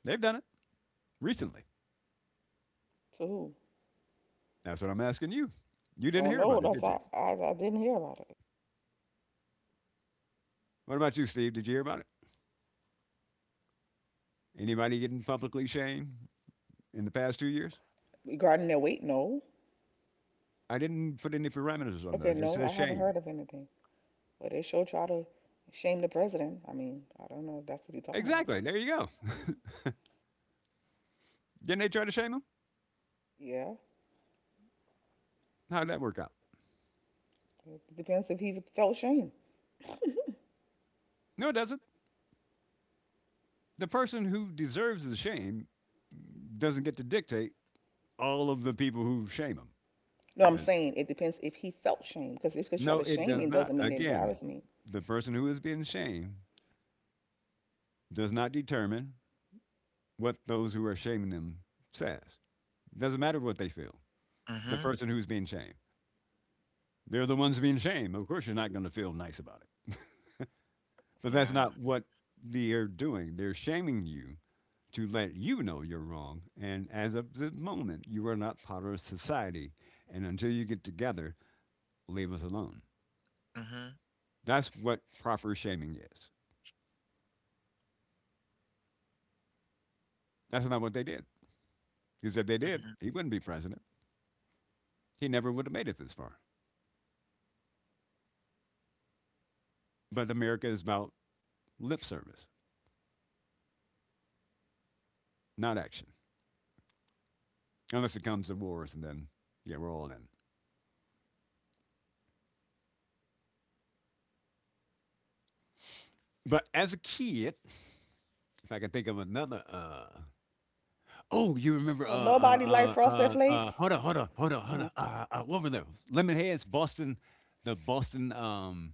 [SPEAKER 3] they've done it recently.
[SPEAKER 2] To who?
[SPEAKER 3] That's what I'm asking you. You didn't
[SPEAKER 2] Don't
[SPEAKER 3] hear
[SPEAKER 2] know.
[SPEAKER 3] about it,
[SPEAKER 2] That's
[SPEAKER 3] did you?
[SPEAKER 2] I, I, I didn't hear about it.
[SPEAKER 3] What about you, Steve? Did you hear about it? Anybody getting publicly shamed in the past 2 years?
[SPEAKER 2] Regarding their weight, no.
[SPEAKER 3] I didn't put any parameters on that. I
[SPEAKER 2] Okay,
[SPEAKER 3] just
[SPEAKER 2] no, I
[SPEAKER 3] said
[SPEAKER 2] haven't
[SPEAKER 3] shame.
[SPEAKER 2] heard of anything. But they sure try to shame the president. I mean, I don't know if that's what you're talking about.
[SPEAKER 3] Exactly. There you go. Didn't they try to shame him?
[SPEAKER 2] Yeah.
[SPEAKER 3] How did that work out?
[SPEAKER 2] It depends if he felt shame.
[SPEAKER 3] No, it doesn't. The person who deserves the shame doesn't get to dictate all of the people who shame him.
[SPEAKER 2] No, I'm
[SPEAKER 3] Uh,
[SPEAKER 2] saying it depends if he felt shame. Because if he try
[SPEAKER 3] No,
[SPEAKER 2] to
[SPEAKER 3] it
[SPEAKER 2] shame me,
[SPEAKER 3] does
[SPEAKER 2] it doesn't
[SPEAKER 3] not.
[SPEAKER 2] mean it
[SPEAKER 3] Again,
[SPEAKER 2] embarrassed me.
[SPEAKER 3] the person who is being shamed does not determine what those who are shaming them says. Doesn't matter what they feel. The
[SPEAKER 1] Mm-hmm.
[SPEAKER 3] person who's being shamed, they're the ones being shamed. Of course, you're not going to feel nice about it. But that's
[SPEAKER 1] Yeah.
[SPEAKER 3] not what they're doing. They're shaming you to let you know you're wrong. And as of this moment, you are not part of society. And until you get together, leave us alone.
[SPEAKER 1] Mm-hmm.
[SPEAKER 3] That's what proper shaming is. That's not what they did. Because if they did,
[SPEAKER 1] Mm-hmm.
[SPEAKER 3] he wouldn't be president. He never would have made it this far. But America is about lip service, not action. Unless it comes to wars, and then, yeah, we're all in. But as a kid, if I can think of another oh, you remember,
[SPEAKER 2] So nobody like Frosted Flakes?
[SPEAKER 3] hold on, hold on, hold on, hold
[SPEAKER 2] Mhm.
[SPEAKER 3] on, what were those? Lemonheads, Boston, the Boston,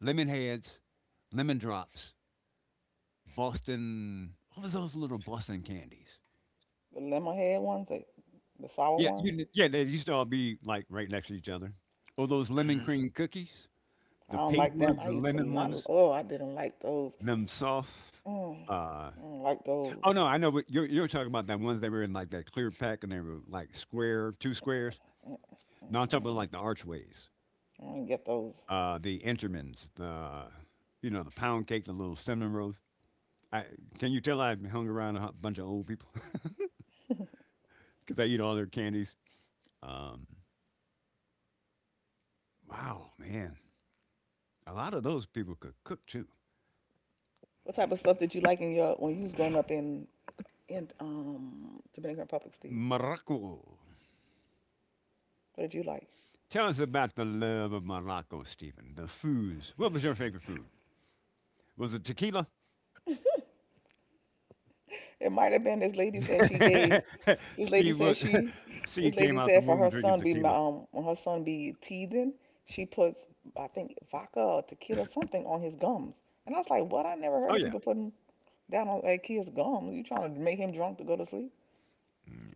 [SPEAKER 3] Lemonheads, Lemon Drops, Boston, what was those little Boston candies?
[SPEAKER 2] The lemon head ones, the sour
[SPEAKER 3] Yeah, you
[SPEAKER 2] ones.
[SPEAKER 3] kn yeah, they used to all be, like, right next to each other. Oh, those lemon
[SPEAKER 1] Mm-hmm.
[SPEAKER 3] cream cookies,
[SPEAKER 2] I
[SPEAKER 3] the
[SPEAKER 2] don't
[SPEAKER 3] pink
[SPEAKER 2] like them.
[SPEAKER 3] ones,
[SPEAKER 2] I
[SPEAKER 3] the
[SPEAKER 2] used to
[SPEAKER 3] lemon
[SPEAKER 2] not.
[SPEAKER 3] ones,
[SPEAKER 2] Oh, I didn't like those.
[SPEAKER 3] them soft,
[SPEAKER 2] Mm,
[SPEAKER 3] uh
[SPEAKER 2] I don't like those.
[SPEAKER 3] oh, no, I know what you're talking about. That ones they were in, like, that clear pack and they were, like, square 2 squares.
[SPEAKER 2] Mm, mm, mm.
[SPEAKER 3] No, I'm talking about,
[SPEAKER 2] Mm.
[SPEAKER 3] like, the Archways.
[SPEAKER 2] I don't get those.
[SPEAKER 3] The Entermans, the you know the pound cake, the little cinnamon rolls. I Can you tell I hung around a bunch of old people because I eat all their candies. Um, wow, man, a lot of those people could cook too.
[SPEAKER 2] What type of stuff did you like in your when you was growing up in in Dominican Republic, Steve?
[SPEAKER 3] Morocco.
[SPEAKER 2] What did you like?
[SPEAKER 3] Tell us about the love of Morocco, Stephen. The foods. What was your favorite food? Was it tequila?
[SPEAKER 2] It might have been this lady said she gave. This lady
[SPEAKER 3] Steve,
[SPEAKER 2] said she. This
[SPEAKER 3] Steve came
[SPEAKER 2] lady
[SPEAKER 3] out the
[SPEAKER 2] said for
[SPEAKER 3] womb
[SPEAKER 2] her
[SPEAKER 3] drinking
[SPEAKER 2] son be
[SPEAKER 3] tequila.
[SPEAKER 2] when her son be teething, she puts I think vodka or tequila something on his gums. And I was like, what? I never
[SPEAKER 3] Oh
[SPEAKER 2] heard of
[SPEAKER 3] yeah.
[SPEAKER 2] people putting down on not kids gums. You trying to make him drunk to go to sleep
[SPEAKER 3] Mm.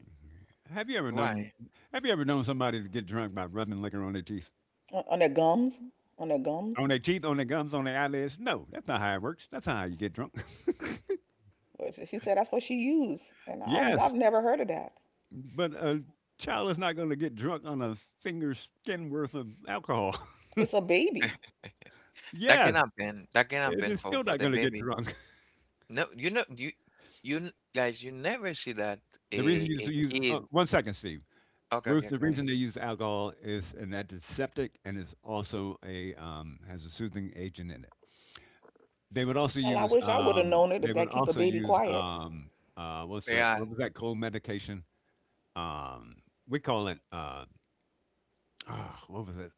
[SPEAKER 3] Have you ever known
[SPEAKER 1] Why?
[SPEAKER 3] Have you ever known somebody to get drunk by rubbing liquor on their teeth?
[SPEAKER 2] on their gums, on their gums.
[SPEAKER 3] On their teeth, on their gums, on their eyelids? No, that's not how it works. That's not how you get drunk.
[SPEAKER 2] But she said that's what she used, and I've
[SPEAKER 3] Yes,
[SPEAKER 2] never heard of that.
[SPEAKER 3] but a child is not going to get drunk on a finger's skin worth of alcohol.
[SPEAKER 2] It's a baby.
[SPEAKER 1] That can
[SPEAKER 3] Yes,
[SPEAKER 1] happen. That can
[SPEAKER 3] it
[SPEAKER 1] happen
[SPEAKER 3] is
[SPEAKER 1] for
[SPEAKER 3] still
[SPEAKER 1] for
[SPEAKER 3] not
[SPEAKER 1] the
[SPEAKER 3] going to get
[SPEAKER 1] baby.
[SPEAKER 3] drunk.
[SPEAKER 1] No, you know, guys, you never see that,
[SPEAKER 3] The reason
[SPEAKER 1] a
[SPEAKER 3] you so
[SPEAKER 1] a
[SPEAKER 3] use
[SPEAKER 1] kid.
[SPEAKER 3] 1 second, Steve.
[SPEAKER 1] Okay,
[SPEAKER 3] Ruth,
[SPEAKER 1] okay,
[SPEAKER 3] the
[SPEAKER 1] great.
[SPEAKER 3] reason they use alcohol is an antiseptic and is also a has a soothing agent in it.
[SPEAKER 2] Hell, I wish I would have known it if
[SPEAKER 3] They would
[SPEAKER 2] that keep a
[SPEAKER 3] also
[SPEAKER 2] baby
[SPEAKER 3] use
[SPEAKER 2] quiet.
[SPEAKER 3] what's that?
[SPEAKER 1] Yeah,
[SPEAKER 3] What was that cold medication? Um, we call it ah, what was it?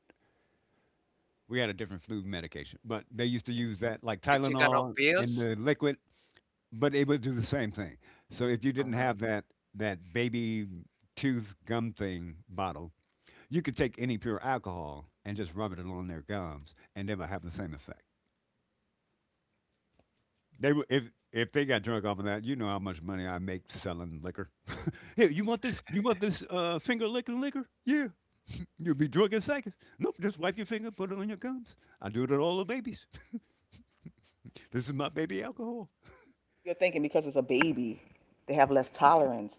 [SPEAKER 3] We had a different flu medication, but they used to use
[SPEAKER 1] It's
[SPEAKER 3] that like
[SPEAKER 1] it's a kind of
[SPEAKER 3] Tylenol in
[SPEAKER 1] pills.
[SPEAKER 3] the liquid, but it would do the same thing. So if you didn't
[SPEAKER 1] Uh-huh.
[SPEAKER 3] have that that baby tooth gum thing bottle, you could take any pure alcohol and just rub it along their gums, and they would have the same effect. They would, if they got drunk off of that, you know how much money I make selling liquor. Here, you want this? You want this finger licking liquor? Yeah, you'll be drunk in seconds. Nope, just wipe your finger, put it on your gums. I do it to all the babies. This is my baby alcohol.
[SPEAKER 2] You're thinking because it's a baby, they have less tolerance.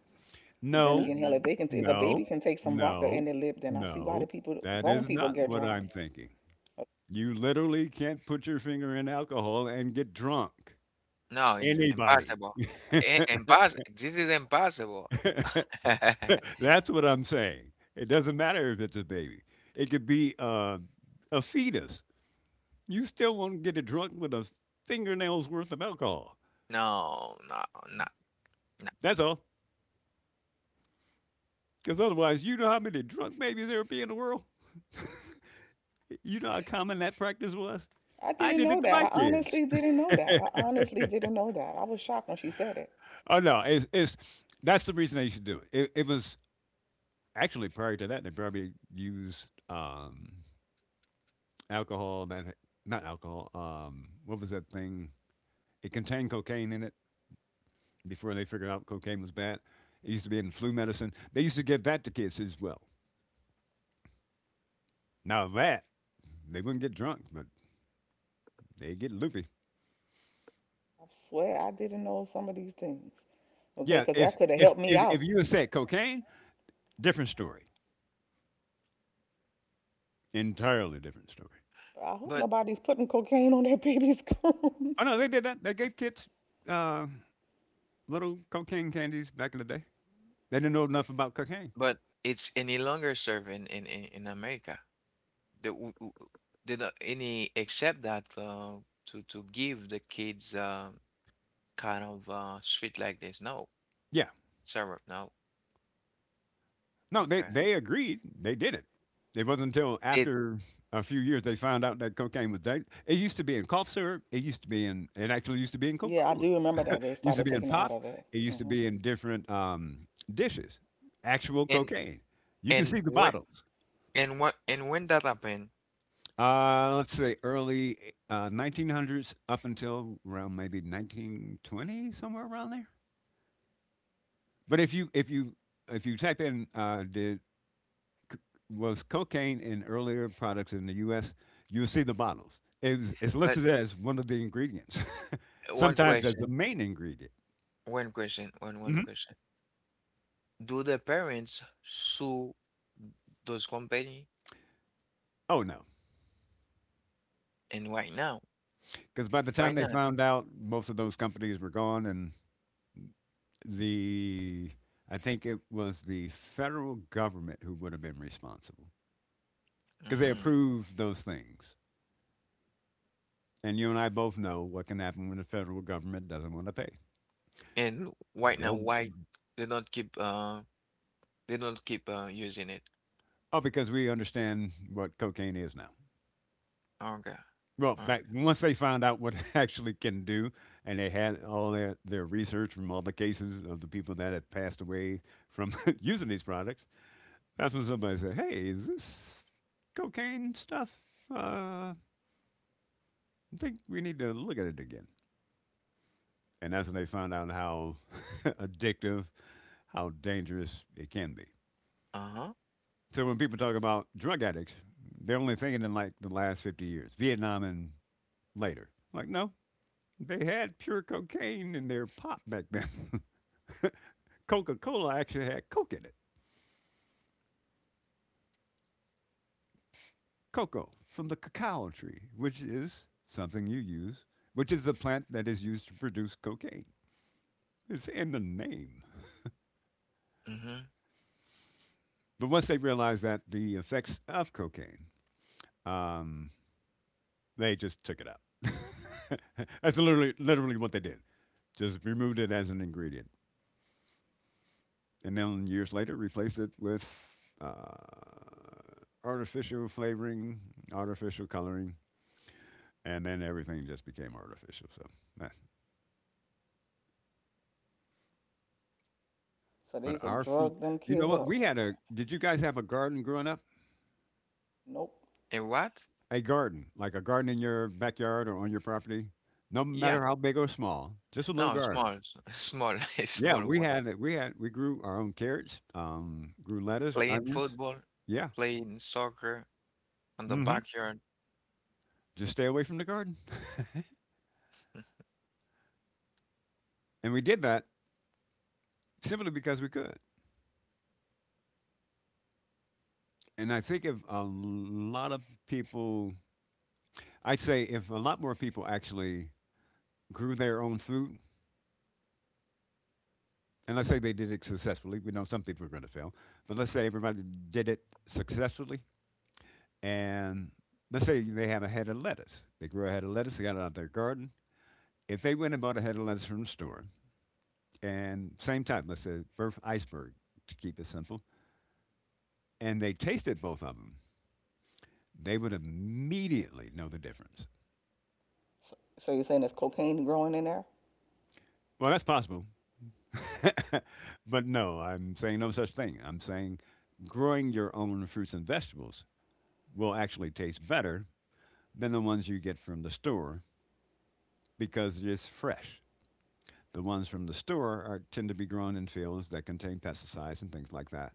[SPEAKER 2] But then
[SPEAKER 3] No,
[SPEAKER 2] again, hell, if
[SPEAKER 1] Hmm.
[SPEAKER 2] they can, if a baby
[SPEAKER 3] no,
[SPEAKER 2] can take some vodka in
[SPEAKER 3] no,
[SPEAKER 2] their lip, then I see why the
[SPEAKER 3] no.
[SPEAKER 2] people,
[SPEAKER 3] That
[SPEAKER 2] grown
[SPEAKER 3] is
[SPEAKER 2] people,
[SPEAKER 3] not
[SPEAKER 2] get
[SPEAKER 3] what
[SPEAKER 2] drunk.
[SPEAKER 3] I'm thinking. You literally can't put your finger in alcohol and get drunk.
[SPEAKER 1] No, it's
[SPEAKER 3] Anybody.
[SPEAKER 1] impossible. I impos This is impossible.
[SPEAKER 3] That's what I'm saying. It doesn't matter if it's a baby. It could be a fetus. You still won't get it drunk with a fingernail's worth of alcohol.
[SPEAKER 1] No, no, not.
[SPEAKER 3] That's all. Because otherwise, you know how many drunk babies there would be in the world? You know how common that practice was?
[SPEAKER 2] I
[SPEAKER 3] I
[SPEAKER 2] didn't
[SPEAKER 3] did
[SPEAKER 2] know
[SPEAKER 3] it to
[SPEAKER 2] that.
[SPEAKER 3] my
[SPEAKER 2] I
[SPEAKER 3] kids.
[SPEAKER 2] honestly didn't know that. I honestly didn't know that. I was shocked when she said it.
[SPEAKER 3] Oh no, it's that's the reason they should do it. It was actually prior to that they probably used alcohol that not alcohol. What was that thing? It contained cocaine in it before they figured out cocaine was bad. It used to be in flu medicine. They used to give that to kids as well. Now that they wouldn't get drunk, but they get loopy.
[SPEAKER 2] I swear I didn't know some of these things. Okay,
[SPEAKER 3] Yeah,
[SPEAKER 2] because that could have helped me out.
[SPEAKER 3] if you had said cocaine, different story, entirely different story.
[SPEAKER 2] But I hope
[SPEAKER 1] But
[SPEAKER 2] nobody's putting cocaine on that baby's cones.
[SPEAKER 3] Oh no, they did that. They gave kids uh, little cocaine candies back in the day. They didn't know enough about cocaine.
[SPEAKER 1] but it's any longer serve in America. The, w- w- did any except that, to give the kids, kind of street like this? No,
[SPEAKER 3] Yeah.
[SPEAKER 1] syrup. No.
[SPEAKER 3] No,
[SPEAKER 1] Okay.
[SPEAKER 3] they agreed. They did it. It wasn't until
[SPEAKER 1] It
[SPEAKER 3] after a few years they found out that cocaine was dangerous. It used to be in cough syrup. It actually used to be in Coca
[SPEAKER 2] Yeah, I
[SPEAKER 3] Cola.
[SPEAKER 2] do remember that. They
[SPEAKER 3] It used to
[SPEAKER 2] started
[SPEAKER 3] be in
[SPEAKER 2] taking it
[SPEAKER 3] pop.
[SPEAKER 2] out of it.
[SPEAKER 3] It used to
[SPEAKER 2] Hmm.
[SPEAKER 3] be in different dishes. Actual
[SPEAKER 1] and
[SPEAKER 3] cocaine. You can
[SPEAKER 1] and
[SPEAKER 3] see the
[SPEAKER 1] when
[SPEAKER 3] bottles.
[SPEAKER 1] and what and when that happened?
[SPEAKER 3] Let's say early 1900s up until around maybe 1920, somewhere around there. But if you type in did c- was cocaine in earlier products in the U.S., you see the bottles. It's
[SPEAKER 1] But
[SPEAKER 3] listed as one of the ingredients,
[SPEAKER 1] one
[SPEAKER 3] sometimes as the
[SPEAKER 1] question.
[SPEAKER 3] main ingredient.
[SPEAKER 1] One question, one question. Do the parents sue those company?
[SPEAKER 3] Oh no,
[SPEAKER 1] And why now?
[SPEAKER 3] because by the
[SPEAKER 1] Why
[SPEAKER 3] time they
[SPEAKER 1] not?
[SPEAKER 3] found out, most of those companies were gone, and the I think it was the federal government who would have been responsible because they
[SPEAKER 1] Mm.
[SPEAKER 3] approved those things. And you and I both know what can happen when the federal government doesn't want to pay.
[SPEAKER 1] And why now?
[SPEAKER 3] They'll
[SPEAKER 1] Why they don't keep uh they don't keep using it?
[SPEAKER 3] oh because we understand what cocaine is now.
[SPEAKER 1] Okay.
[SPEAKER 3] Well,
[SPEAKER 1] Okay.
[SPEAKER 3] back once they found out what it actually can do, and they had all their research from all the cases of the people that had passed away from using these products, that's when somebody said, "Hey, is this cocaine stuff? Uh, I think we need to look at it again." And that's when they found out how addictive, how dangerous it can be.
[SPEAKER 1] Uh-huh.
[SPEAKER 3] So when people talk about drug addicts, they're only thinking in like the last 50 years, Vietnam and later. Like, no, they had pure cocaine in their pop back then. Coca Cola actually had coke in it. Cocoa from the cacao tree, which is something you use, which is the plant that is used to produce cocaine. It's in the name.
[SPEAKER 1] Mm-hmm.
[SPEAKER 3] But once they realized that the effects of cocaine, um, they just took it out. That's literally literally what they did. Just removed it as an ingredient, and then years later replaced it with uh, artificial flavoring, artificial coloring, and then everything just became artificial, so, eh.
[SPEAKER 2] So they
[SPEAKER 3] But
[SPEAKER 2] used to
[SPEAKER 3] our food,
[SPEAKER 2] drug them
[SPEAKER 3] you know
[SPEAKER 2] kids
[SPEAKER 3] what?
[SPEAKER 2] up.
[SPEAKER 3] We had a did you guys have a garden growing up?
[SPEAKER 2] Nope.
[SPEAKER 1] A what?
[SPEAKER 3] A garden, like a garden in your backyard or on your property? No
[SPEAKER 1] Yeah.
[SPEAKER 3] matter how big or small, just a little
[SPEAKER 1] No,
[SPEAKER 3] garden.
[SPEAKER 1] small, small, a
[SPEAKER 3] Yeah,
[SPEAKER 1] small
[SPEAKER 3] we
[SPEAKER 1] one.
[SPEAKER 3] had it we had we grew our own carrots, grew lettuce,
[SPEAKER 1] Playing
[SPEAKER 3] onions.
[SPEAKER 1] football,
[SPEAKER 3] Yeah.
[SPEAKER 1] playing soccer on the
[SPEAKER 3] Mhm.
[SPEAKER 1] backyard.
[SPEAKER 3] Just stay away from the garden. And we did that simply because we could. And I think if a lot of people I'd say if a lot more people actually grew their own food, and let's say they did it successfully. We know some people are going to fail, but let's say everybody did it successfully, and let's say they had a head of lettuce. They grew a head of lettuce. They got it out of their garden. If they went and bought a head of lettuce from the store, and same time, let's say birth iceberg to keep it simple, and they tasted both of them, they would immediately know the difference.
[SPEAKER 2] So you're saying there's cocaine growing in there?
[SPEAKER 3] Well, that's possible, but no, I'm saying no such thing. I'm saying growing your own fruits and vegetables will actually taste better than the ones you get from the store because it's fresh. The ones from the store are, tend to be grown in fields that contain pesticides and things like that,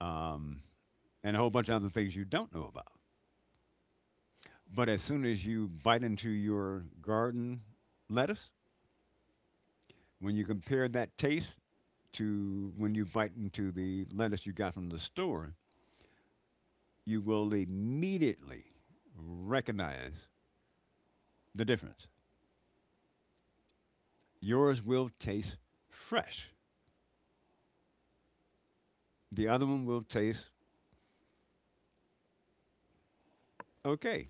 [SPEAKER 3] um, and a whole bunch of other things you don't know about. But as soon as you bite into your garden lettuce, when you compare that taste to when you bite into the lettuce you got from the store, you will immediately recognize the difference. Yours will taste fresh. The other one will taste okay.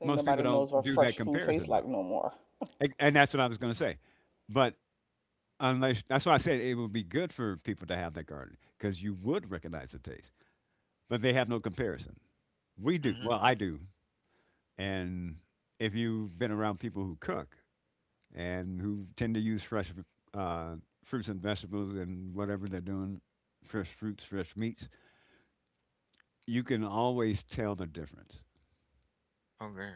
[SPEAKER 2] Think
[SPEAKER 3] Most people
[SPEAKER 2] nobody knows
[SPEAKER 3] don't
[SPEAKER 2] what
[SPEAKER 3] do that
[SPEAKER 2] fresh food tastes
[SPEAKER 3] comparison
[SPEAKER 2] like
[SPEAKER 3] though,
[SPEAKER 2] no more.
[SPEAKER 3] and that's what I was going to say. But unless that's why I said it would be good for people to have that garden because you would recognize the taste, but they have no comparison. We do.
[SPEAKER 1] Mm-hmm.
[SPEAKER 3] Well, I do. And if you've been around people who cook and who tend to use fresh uh, fruits and vegetables and whatever they're doing, fresh fruits, fresh meats, you can always tell the difference
[SPEAKER 1] Okay.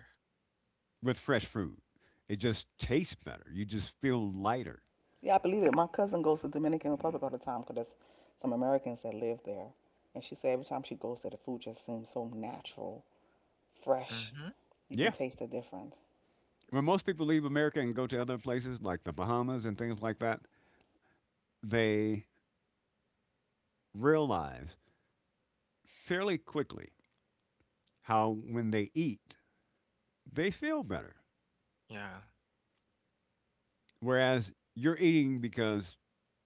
[SPEAKER 3] with fresh food. It just tastes better. You just feel lighter.
[SPEAKER 2] Yeah, I believe it. My cousin goes to Dominican Republic all the time because there's some Americans that live there. And she said every time she goes there, the food just seems so natural, fresh.
[SPEAKER 1] Mm-hmm.
[SPEAKER 2] You can
[SPEAKER 3] Yeah.
[SPEAKER 2] taste the difference.
[SPEAKER 3] When most people leave America and go to other places like the Bahamas and things like that, they realize fairly quickly how when they eat, they feel better.
[SPEAKER 1] Yeah.
[SPEAKER 3] Whereas you're eating because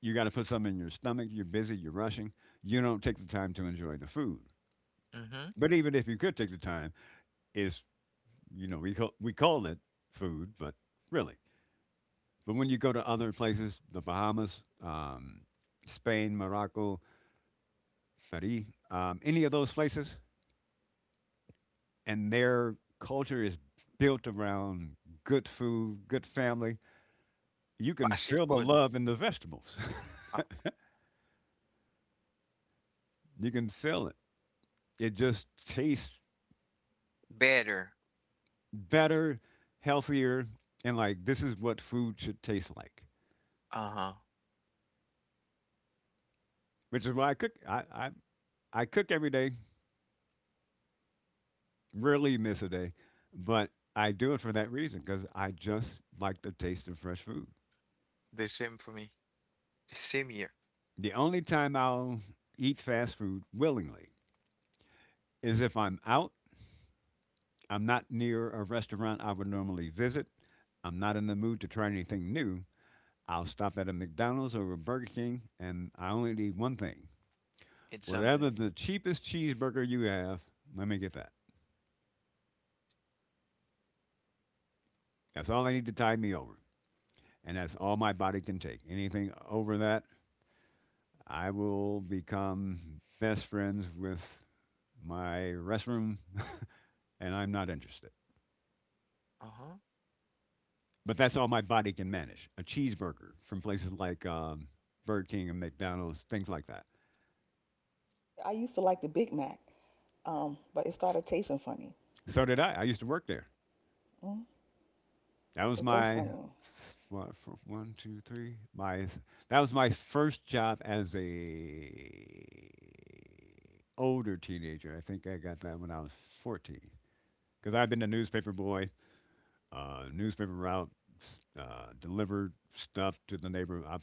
[SPEAKER 3] you got to put something in your stomach, you're busy, you're rushing, you don't take the time to enjoy the food.
[SPEAKER 1] Mm-hmm.
[SPEAKER 3] But even if you could take the time, is we call it food, but really. But when you go to other places, the Bahamas, Spain, Morocco, Paris, any of those places, and their culture is built around good food, good family. You can
[SPEAKER 1] Passive
[SPEAKER 3] feel the
[SPEAKER 1] food.
[SPEAKER 3] love in the vegetables.
[SPEAKER 1] Uh,
[SPEAKER 3] You can feel it. It just tastes
[SPEAKER 1] Better.
[SPEAKER 3] better, healthier, and like this is what food should taste like.
[SPEAKER 1] Uh-huh.
[SPEAKER 3] Which is why I cook. I cook every day. Rarely miss a day, but I do it for that reason because I just like the taste of fresh food.
[SPEAKER 1] The same for me. The same year.
[SPEAKER 3] The only time I'll eat fast food willingly is if I'm out I'm not near a restaurant I would normally visit. I'm not in the mood to try anything new. I'll stop at a McDonald's or a Burger King and I only need one thing.
[SPEAKER 1] It's something.
[SPEAKER 3] Whatever the cheapest cheeseburger you have, let me get that. That's all I need to tide me over. And that's all my body can take. Anything over that, I will become best friends with my restroom and I'm not interested.
[SPEAKER 1] Uh-huh.
[SPEAKER 3] But that's all my body can manage. A cheeseburger from places like Burger King and McDonald's, things like that.
[SPEAKER 2] I used to like the Big Mac, but it started tasting funny.
[SPEAKER 3] So did I. I used to work there.
[SPEAKER 2] Mm,
[SPEAKER 3] That was
[SPEAKER 2] it tastes
[SPEAKER 3] my
[SPEAKER 2] funny.
[SPEAKER 3] s- one, f- one, two, three. My that was my first job as a older teenager. I think I got that when I was 14. Because I've been a newspaper boy, newspaper route, delivered stuff to the neighbor. I,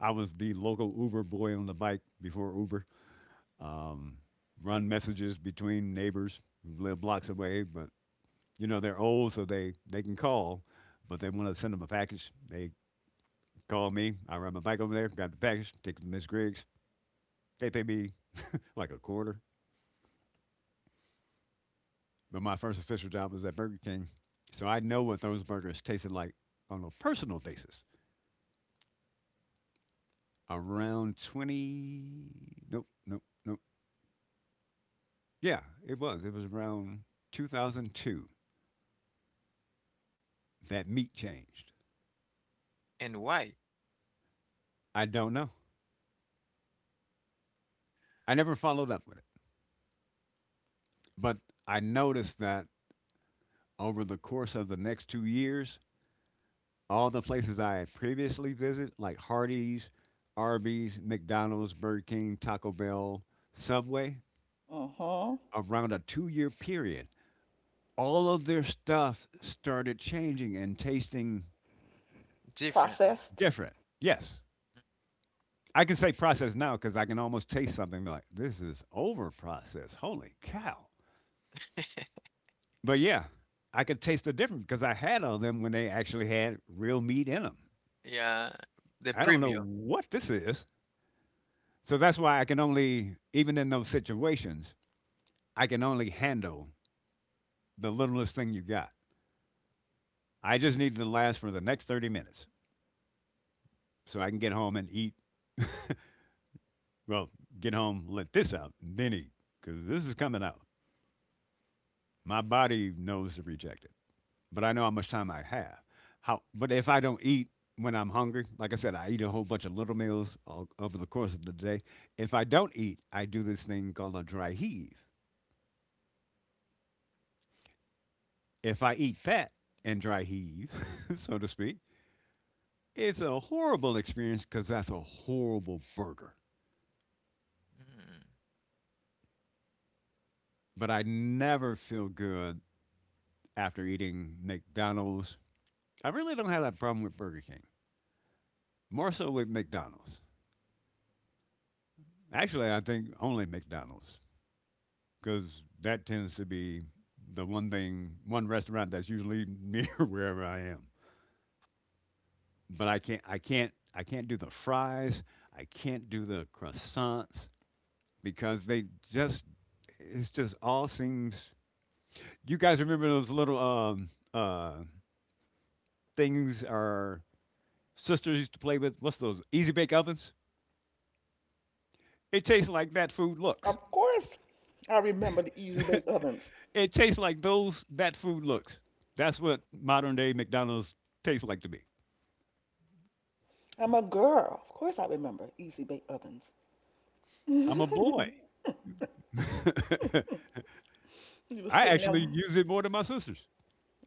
[SPEAKER 3] I was the local Uber boy on the bike before Uber. Um, Run messages between neighbors who live blocks away, but you know, they're old, so they can call, but they want to send them a package. They call me. I ride my bike over there, grab the package, take it to Miss Griggs. They pay me like a quarter. But my first official job was at Burger King. So I know what those burgers tasted like on a personal basis. Around 20, nope, nope, nope. Yeah, it was. It was around 2002 that meat changed.
[SPEAKER 1] And why?
[SPEAKER 3] I don't know. I never followed up with it. But I noticed that over the course of the next 2 years, all the places I had previously visited, like Hardee's, Arby's, McDonald's, Burger King, Taco Bell, Subway,
[SPEAKER 2] Hmm.
[SPEAKER 3] around a 2 year period, all of their stuff started changing and tasting
[SPEAKER 1] Differently.
[SPEAKER 2] Processed.
[SPEAKER 3] different. Yes. I can say processed now because I can almost taste something and be like, this is over processed. Holy cow. But yeah, I could taste the difference because I had all them when they actually had real meat in them.
[SPEAKER 1] Yeah. The
[SPEAKER 3] I don't know
[SPEAKER 1] premium.
[SPEAKER 3] what this is. So that's why I can only, even in those situations, I can only handle the littlest thing you got. I just need to last for the next 30 minutes so I can get home and eat. Well, get home, let this out, and then eat because this is coming out. My body knows to reject it, but I know how much time I have. How, but if I don't eat when I'm hungry, like I said, I eat a whole bunch of little meals all, over the course of the day. If I don't eat, I do this thing called a dry heave. If I eat that and dry heave, so to speak, it's a horrible experience because that's a horrible burger.
[SPEAKER 1] Mm.
[SPEAKER 3] But I never feel good after eating McDonald's. I really don't have that problem with Burger King, more so with McDonald's. Actually, I think only McDonald's because that tends to be the one thing, one restaurant that's usually near wherever I am. But I can't do the fries. I can't do the croissants because they just, it's just all seems you guys remember those little things our sisters used to play with? What's those? Easy bake ovens? It tastes like that food looks.
[SPEAKER 2] Of course, I remember the Easy Bake Ovens.
[SPEAKER 3] It tastes like those that food looks. That's what modern day McDonald's tastes like to me.
[SPEAKER 2] I'm a girl. Of course, I remember Easy Bake Ovens.
[SPEAKER 3] I'm a boy.
[SPEAKER 2] You were
[SPEAKER 3] I
[SPEAKER 2] sitting
[SPEAKER 3] actually
[SPEAKER 2] there.
[SPEAKER 3] use it more than my sisters.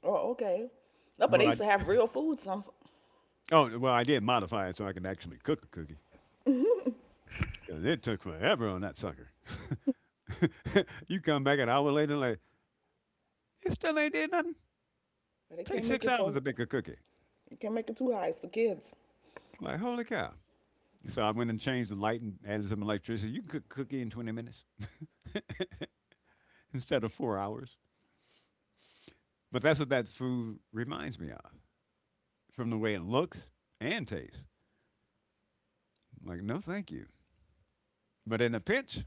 [SPEAKER 2] Oh, okay. No, but
[SPEAKER 3] But
[SPEAKER 2] they used to
[SPEAKER 3] I,
[SPEAKER 2] have real food. Some,
[SPEAKER 3] oh well, I did modify it so I can actually cook a cookie
[SPEAKER 2] but
[SPEAKER 3] because it took forever on that sucker. You come back an hour later, like it still ain't did nothing.
[SPEAKER 2] they
[SPEAKER 3] Take
[SPEAKER 2] can't make
[SPEAKER 3] six
[SPEAKER 2] it
[SPEAKER 3] hours
[SPEAKER 2] for.
[SPEAKER 3] to bake a cookie.
[SPEAKER 2] You can't make it too high. It's for kids.
[SPEAKER 3] Like holy cow! So I went and changed the light and added some electricity. You can cook cookie in 20 minutes instead of 4 hours. But that's what that food reminds me of from the way it looks and tastes. I'm like, no, thank you. But in a pinch,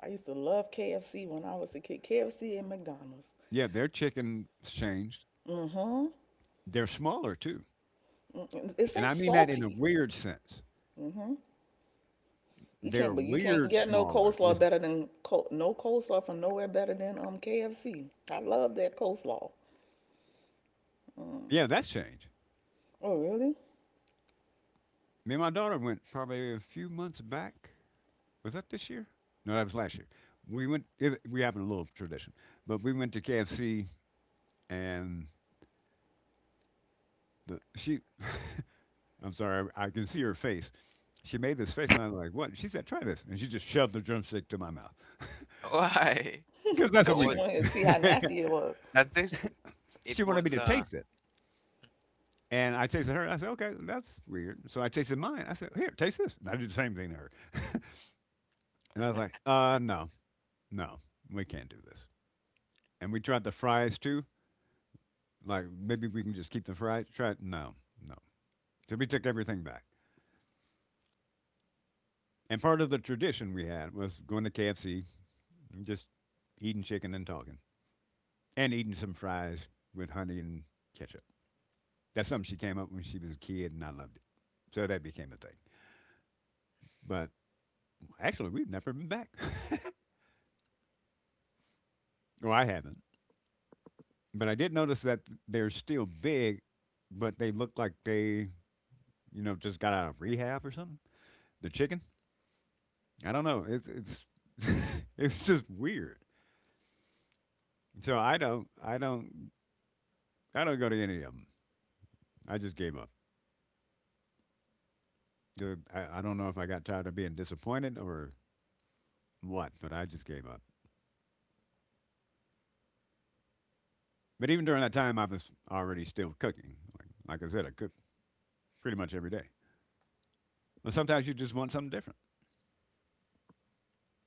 [SPEAKER 2] I used to love KFC when I was a kid. KFC and McDonald's.
[SPEAKER 3] yeah, their chicken's changed.
[SPEAKER 2] Mm-hmm.
[SPEAKER 3] They're smaller too.
[SPEAKER 2] Mm, it
[SPEAKER 3] And
[SPEAKER 2] seems
[SPEAKER 3] I mean that in a
[SPEAKER 2] salty.
[SPEAKER 3] weird sense.
[SPEAKER 2] Mm-hmm. You
[SPEAKER 3] They're
[SPEAKER 2] can't, but you can't
[SPEAKER 3] weird
[SPEAKER 2] get no
[SPEAKER 3] smaller.
[SPEAKER 2] coleslaw
[SPEAKER 3] It's-
[SPEAKER 2] better than col- no coleslaw from nowhere better than KFC. I love that coleslaw. Mm.
[SPEAKER 3] yeah, that's changed.
[SPEAKER 2] Oh really?
[SPEAKER 3] Me and my daughter went probably a few months back. Was that this year? No, that was last year. We went, it, we have a little tradition, but we went to KFC and the, she, I'm sorry, I can see her face. She made this face, and I'm like, "What?" She said, "Try this," and she just shoved the drumstick to my mouth
[SPEAKER 1] Why?
[SPEAKER 3] because that's
[SPEAKER 1] I
[SPEAKER 3] what
[SPEAKER 2] Cause
[SPEAKER 3] we
[SPEAKER 2] she
[SPEAKER 1] was,
[SPEAKER 3] do.
[SPEAKER 2] wanted to see how nasty it was.
[SPEAKER 1] at this,
[SPEAKER 3] She
[SPEAKER 1] it
[SPEAKER 3] wanted me
[SPEAKER 1] was
[SPEAKER 3] to
[SPEAKER 1] uh
[SPEAKER 3] taste it, and I tasted her. I said, "Okay, that's weird." So I tasted mine. I said, "Here, taste this." And I did the same thing to her, and I was like, no, no, we can't do this." And we tried the fries too. Like maybe we can just keep the fries. Try it. No, no. So we took everything back. And part of the tradition we had was going to KFC just eating chicken and talking, and eating some fries with honey and ketchup. That's something she came up when she was a kid, and I loved it. So that became a thing. But actually, we've never been back. Well, I haven't. But I did notice that they're still big, but they look like they, you know, just got out of rehab or something. The chicken. I don't know. It's it's just weird. So I don't go to any of them. I just gave up. I don't know if I got tired of being disappointed or what, but I just gave up. But even during that time, I was already still cooking. Like I said, I cook pretty much every day. But sometimes you just want something different.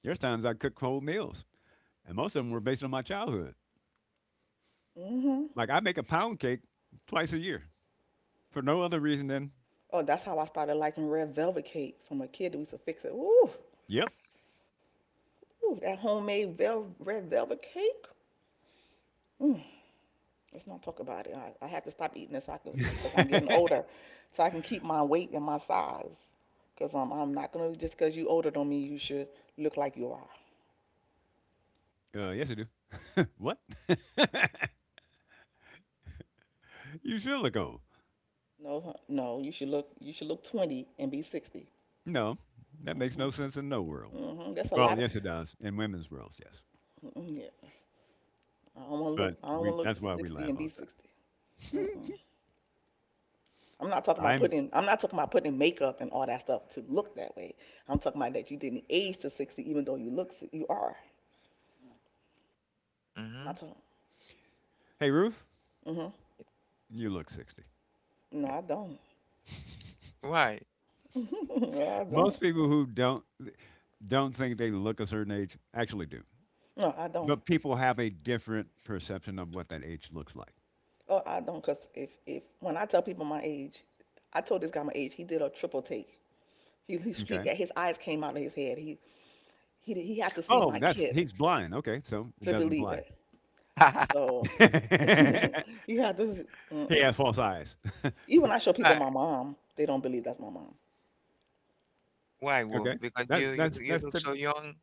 [SPEAKER 3] There's times I cook whole meals, and most of them were based on my childhood.
[SPEAKER 2] Mhm.
[SPEAKER 3] Like I make a pound cake twice a year for no other reason than,
[SPEAKER 2] Oh, that's how I started liking red velvet cake from a kid. That used to fix it. Ooh,
[SPEAKER 3] yep.
[SPEAKER 2] ooh, that homemade vel- red velvet cake. Mm. Let's not talk about it. I had to stop eating this so I could, cause
[SPEAKER 3] uh,
[SPEAKER 2] I'm getting older, so I can keep my weight and my size. Cause I'm not gonna just cause you older don't mean you should look like you are.
[SPEAKER 3] yes, I do. What? You should look old.
[SPEAKER 2] No, huh, no, you should look. You should look 20 and be 60.
[SPEAKER 3] No, that makes
[SPEAKER 2] hmm
[SPEAKER 3] no sense in no world.
[SPEAKER 2] That's a
[SPEAKER 3] Well,
[SPEAKER 2] lot of.
[SPEAKER 3] yes, it does. In women's worlds, yes.
[SPEAKER 2] Mm-mm, yeah. I don't want to
[SPEAKER 3] But
[SPEAKER 2] look. I don't
[SPEAKER 3] we,
[SPEAKER 2] want to look
[SPEAKER 3] that's why we
[SPEAKER 2] 60
[SPEAKER 3] laugh
[SPEAKER 2] and
[SPEAKER 3] all
[SPEAKER 2] be
[SPEAKER 3] the
[SPEAKER 2] 60.
[SPEAKER 3] time.
[SPEAKER 2] Mm-mm. I'm not talking about
[SPEAKER 3] I'm,
[SPEAKER 2] putting. I'm not talking about putting makeup and all that stuff to look that way. I'm talking about that you didn't age to 60, even though you look. Si- You are. I'm not
[SPEAKER 1] mhm.
[SPEAKER 2] talking.
[SPEAKER 3] hey, Ruth,
[SPEAKER 2] Hmm.
[SPEAKER 3] you look 60.
[SPEAKER 2] No, I don't.
[SPEAKER 1] Why?
[SPEAKER 2] No, I
[SPEAKER 3] Most
[SPEAKER 2] don't.
[SPEAKER 3] people who don't think they look a certain age actually do.
[SPEAKER 2] No, I don't.
[SPEAKER 3] But people have a different perception of what that age looks like.
[SPEAKER 2] Oh, I don't. Cause if when I tell people my age, I told this guy my age. He did a triple take. He
[SPEAKER 3] Okay.
[SPEAKER 2] his eyes came out of his head. He he had to see
[SPEAKER 3] Oh,
[SPEAKER 2] my
[SPEAKER 3] that's
[SPEAKER 2] kid
[SPEAKER 3] he's blind. Okay, so it
[SPEAKER 2] to
[SPEAKER 3] doesn't
[SPEAKER 2] believe
[SPEAKER 3] apply.
[SPEAKER 2] it. So you have to.
[SPEAKER 3] He
[SPEAKER 2] Mm-mm.
[SPEAKER 3] has false eyes.
[SPEAKER 2] Even when I show people
[SPEAKER 1] Why?
[SPEAKER 2] my mom, they don't believe that's my mom.
[SPEAKER 1] Why, Wolf?
[SPEAKER 3] Okay.
[SPEAKER 1] Because
[SPEAKER 3] That
[SPEAKER 1] you you
[SPEAKER 3] that's
[SPEAKER 1] you
[SPEAKER 3] that's
[SPEAKER 1] look
[SPEAKER 3] the
[SPEAKER 1] so young,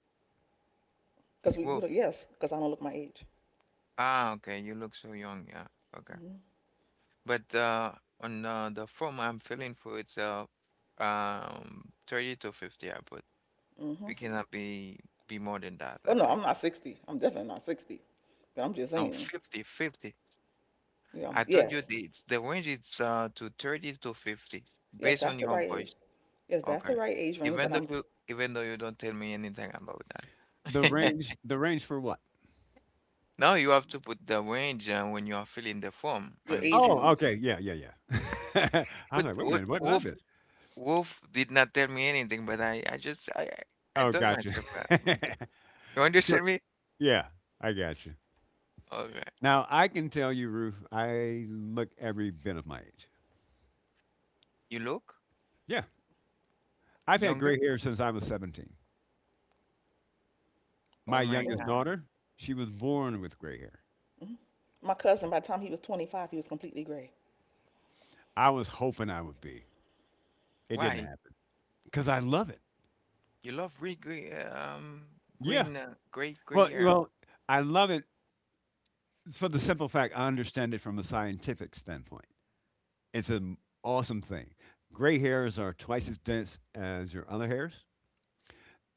[SPEAKER 2] Cause we don't,
[SPEAKER 1] Wolf.
[SPEAKER 2] yes, cause I don't look my age.
[SPEAKER 1] Ah, okay, you look so young. Yeah, okay.
[SPEAKER 2] Mm-hmm.
[SPEAKER 1] But on the form I'm filling for, it's 30 to 50, I put.
[SPEAKER 2] Hmm.
[SPEAKER 1] We cannot be more than that,
[SPEAKER 2] Oh
[SPEAKER 1] I
[SPEAKER 2] no,
[SPEAKER 1] think.
[SPEAKER 2] I'm not 60. I'm definitely not 60. But I'm just
[SPEAKER 1] No,
[SPEAKER 2] saying,
[SPEAKER 1] 50, 50.
[SPEAKER 2] you know,
[SPEAKER 1] I told
[SPEAKER 2] yes,
[SPEAKER 1] you, the it's the range is to 30 to 50
[SPEAKER 2] yes,
[SPEAKER 1] based
[SPEAKER 2] that's
[SPEAKER 1] on
[SPEAKER 2] the
[SPEAKER 1] your
[SPEAKER 2] right age.
[SPEAKER 1] voice.
[SPEAKER 2] Yes, that's the
[SPEAKER 1] Okay.
[SPEAKER 2] right age range. But
[SPEAKER 1] Even though
[SPEAKER 2] I'm
[SPEAKER 1] you even though you don't tell me anything about
[SPEAKER 2] hmm
[SPEAKER 1] that.
[SPEAKER 3] the range for what?
[SPEAKER 1] Now you have to put the range, when you are filling the form,
[SPEAKER 2] your age
[SPEAKER 1] understand?
[SPEAKER 3] Oh,
[SPEAKER 2] range.
[SPEAKER 3] okay. Yeah, yeah, yeah. I
[SPEAKER 1] But
[SPEAKER 3] was like, wait a
[SPEAKER 1] what
[SPEAKER 3] minute, what did I
[SPEAKER 1] Wolf
[SPEAKER 3] miss?
[SPEAKER 1] Wolf did not tell me anything, but I just I
[SPEAKER 3] Oh,
[SPEAKER 1] told
[SPEAKER 3] gotcha.
[SPEAKER 1] myself, yeah, you
[SPEAKER 3] Sure.
[SPEAKER 1] understand me?
[SPEAKER 3] Yeah, I gotcha.
[SPEAKER 1] Okay.
[SPEAKER 3] Now I can tell you, Ruth, I look every bit of my age.
[SPEAKER 1] You look
[SPEAKER 3] Yeah. I've had
[SPEAKER 1] younger?
[SPEAKER 3] gray hair since I was 17.
[SPEAKER 1] Oh
[SPEAKER 3] My
[SPEAKER 1] my
[SPEAKER 3] youngest
[SPEAKER 2] Oh,
[SPEAKER 1] God.
[SPEAKER 3] daughter, she was born with gray hair.
[SPEAKER 2] hmm my cousin. By the time he was 25, he was completely gray.
[SPEAKER 3] I was hoping I would be. It didn't
[SPEAKER 1] Why?
[SPEAKER 3] happen because I love it.
[SPEAKER 1] You love green, green um
[SPEAKER 3] Yeah.
[SPEAKER 1] green uh, gray gray
[SPEAKER 3] Well,
[SPEAKER 1] hair,
[SPEAKER 3] well, I love it for the simple fact I understand it from a scientific standpoint. It's an awesome thing. Gray hairs are twice as dense as your other hairs.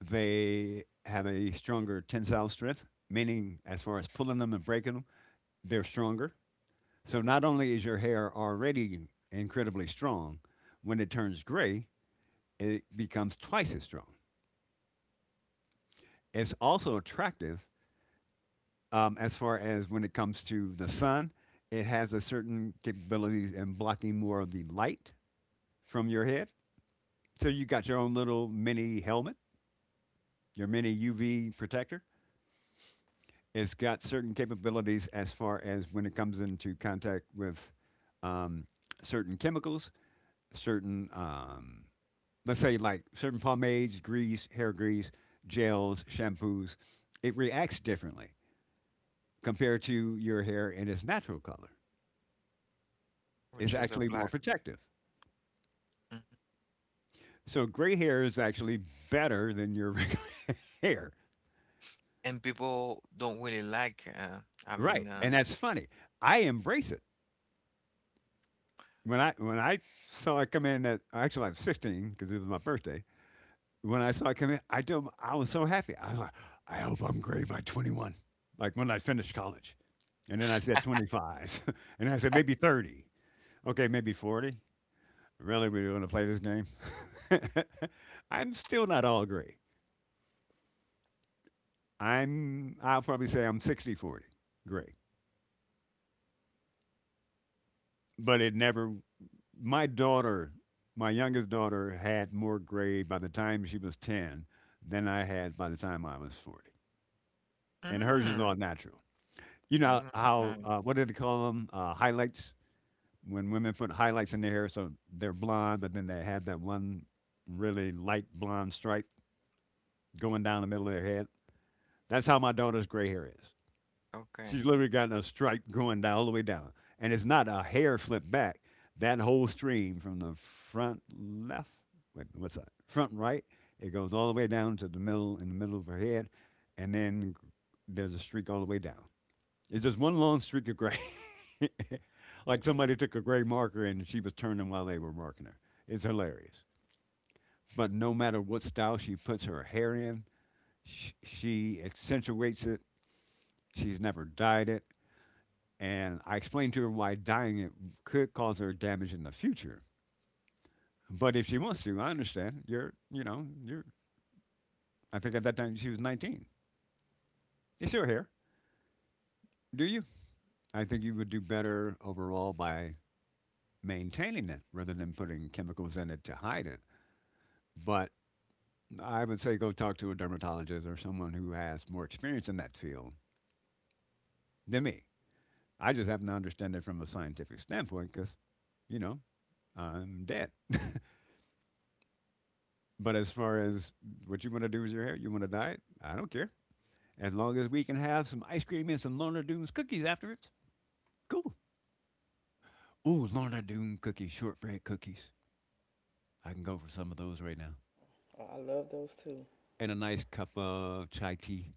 [SPEAKER 3] They have a stronger tensile strength, meaning as far as pulling them and breaking them, they're stronger. So not only is your hair already incredibly strong, when it turns gray, it becomes twice as strong. It's also attractive as far as when it comes to the sun. It has a certain capabilities in blocking more of the light from your head. So you got your own little mini helmet, your mini UV protector. It's got certain capabilities as far as when it comes into contact with um, certain chemicals, certain let's say like certain pomades, grease, hair grease, gels, shampoos, it reacts differently compared to your hair in its natural color. It's
[SPEAKER 1] which is a
[SPEAKER 3] actually more
[SPEAKER 1] black.
[SPEAKER 3] protective. So gray hair is actually better than your regular hair.
[SPEAKER 1] And people don't really like, having,
[SPEAKER 3] Right. And that's funny. I embrace it. When I saw it come in at actually I was 16 because it was my birthday. When I saw it come in, I was so happy. I was like, I hope I'm gray by 21. Like when I finished college. And then I said 25. And I said maybe 30. Okay, maybe 40. Really, we want to play this game? I'm still not all gray. I'll probably say I'm 60/40 gray. But it never, my daughter, my youngest daughter had more gray by the time she was 10 than I had by the time I was 40. And hers is all
[SPEAKER 1] mm,
[SPEAKER 3] natural. You know
[SPEAKER 1] mm,
[SPEAKER 3] how,
[SPEAKER 1] mm,
[SPEAKER 3] what do they call them? Highlights. When women put highlights in their hair, so they're blonde, but then they have that one really light blonde stripe going down the middle of their head. That's how my daughter's gray hair is.
[SPEAKER 1] okay.
[SPEAKER 3] She's literally got a stripe going down all the way down, and it's not a hair flip back. That whole stream from the front left, wait, what's that? Front right. It goes all the way down to the middle in the middle of her head, and then there's a streak all the way down. It's just one long streak of gray. Like somebody took a gray marker and she was turning while they were marking her. It's hilarious. But no matter what style she puts her hair in, she accentuates it. She's never dyed it. And I explained to her why dyeing it could cause her damage in the future. But if she wants to, I understand. You're. I think at that time she was 19. It's your hair. Do you? I think you would do better overall by maintaining it rather than putting chemicals in it to hide it. But I would say go talk to a dermatologist or someone who has more experience in that field than me. I just happen to understand it from a scientific standpoint because, you know, I'm dead. But as far as what you want to do with your hair, you want to dye it, I don't care. As long as we can have some ice cream and some Lorna Doones cookies afterwards, cool. Ooh, Lorna Doone cookies, shortbread cookies. I can go for some of those right now.
[SPEAKER 2] Oh, I love those too.
[SPEAKER 3] And a nice cup of chai tea.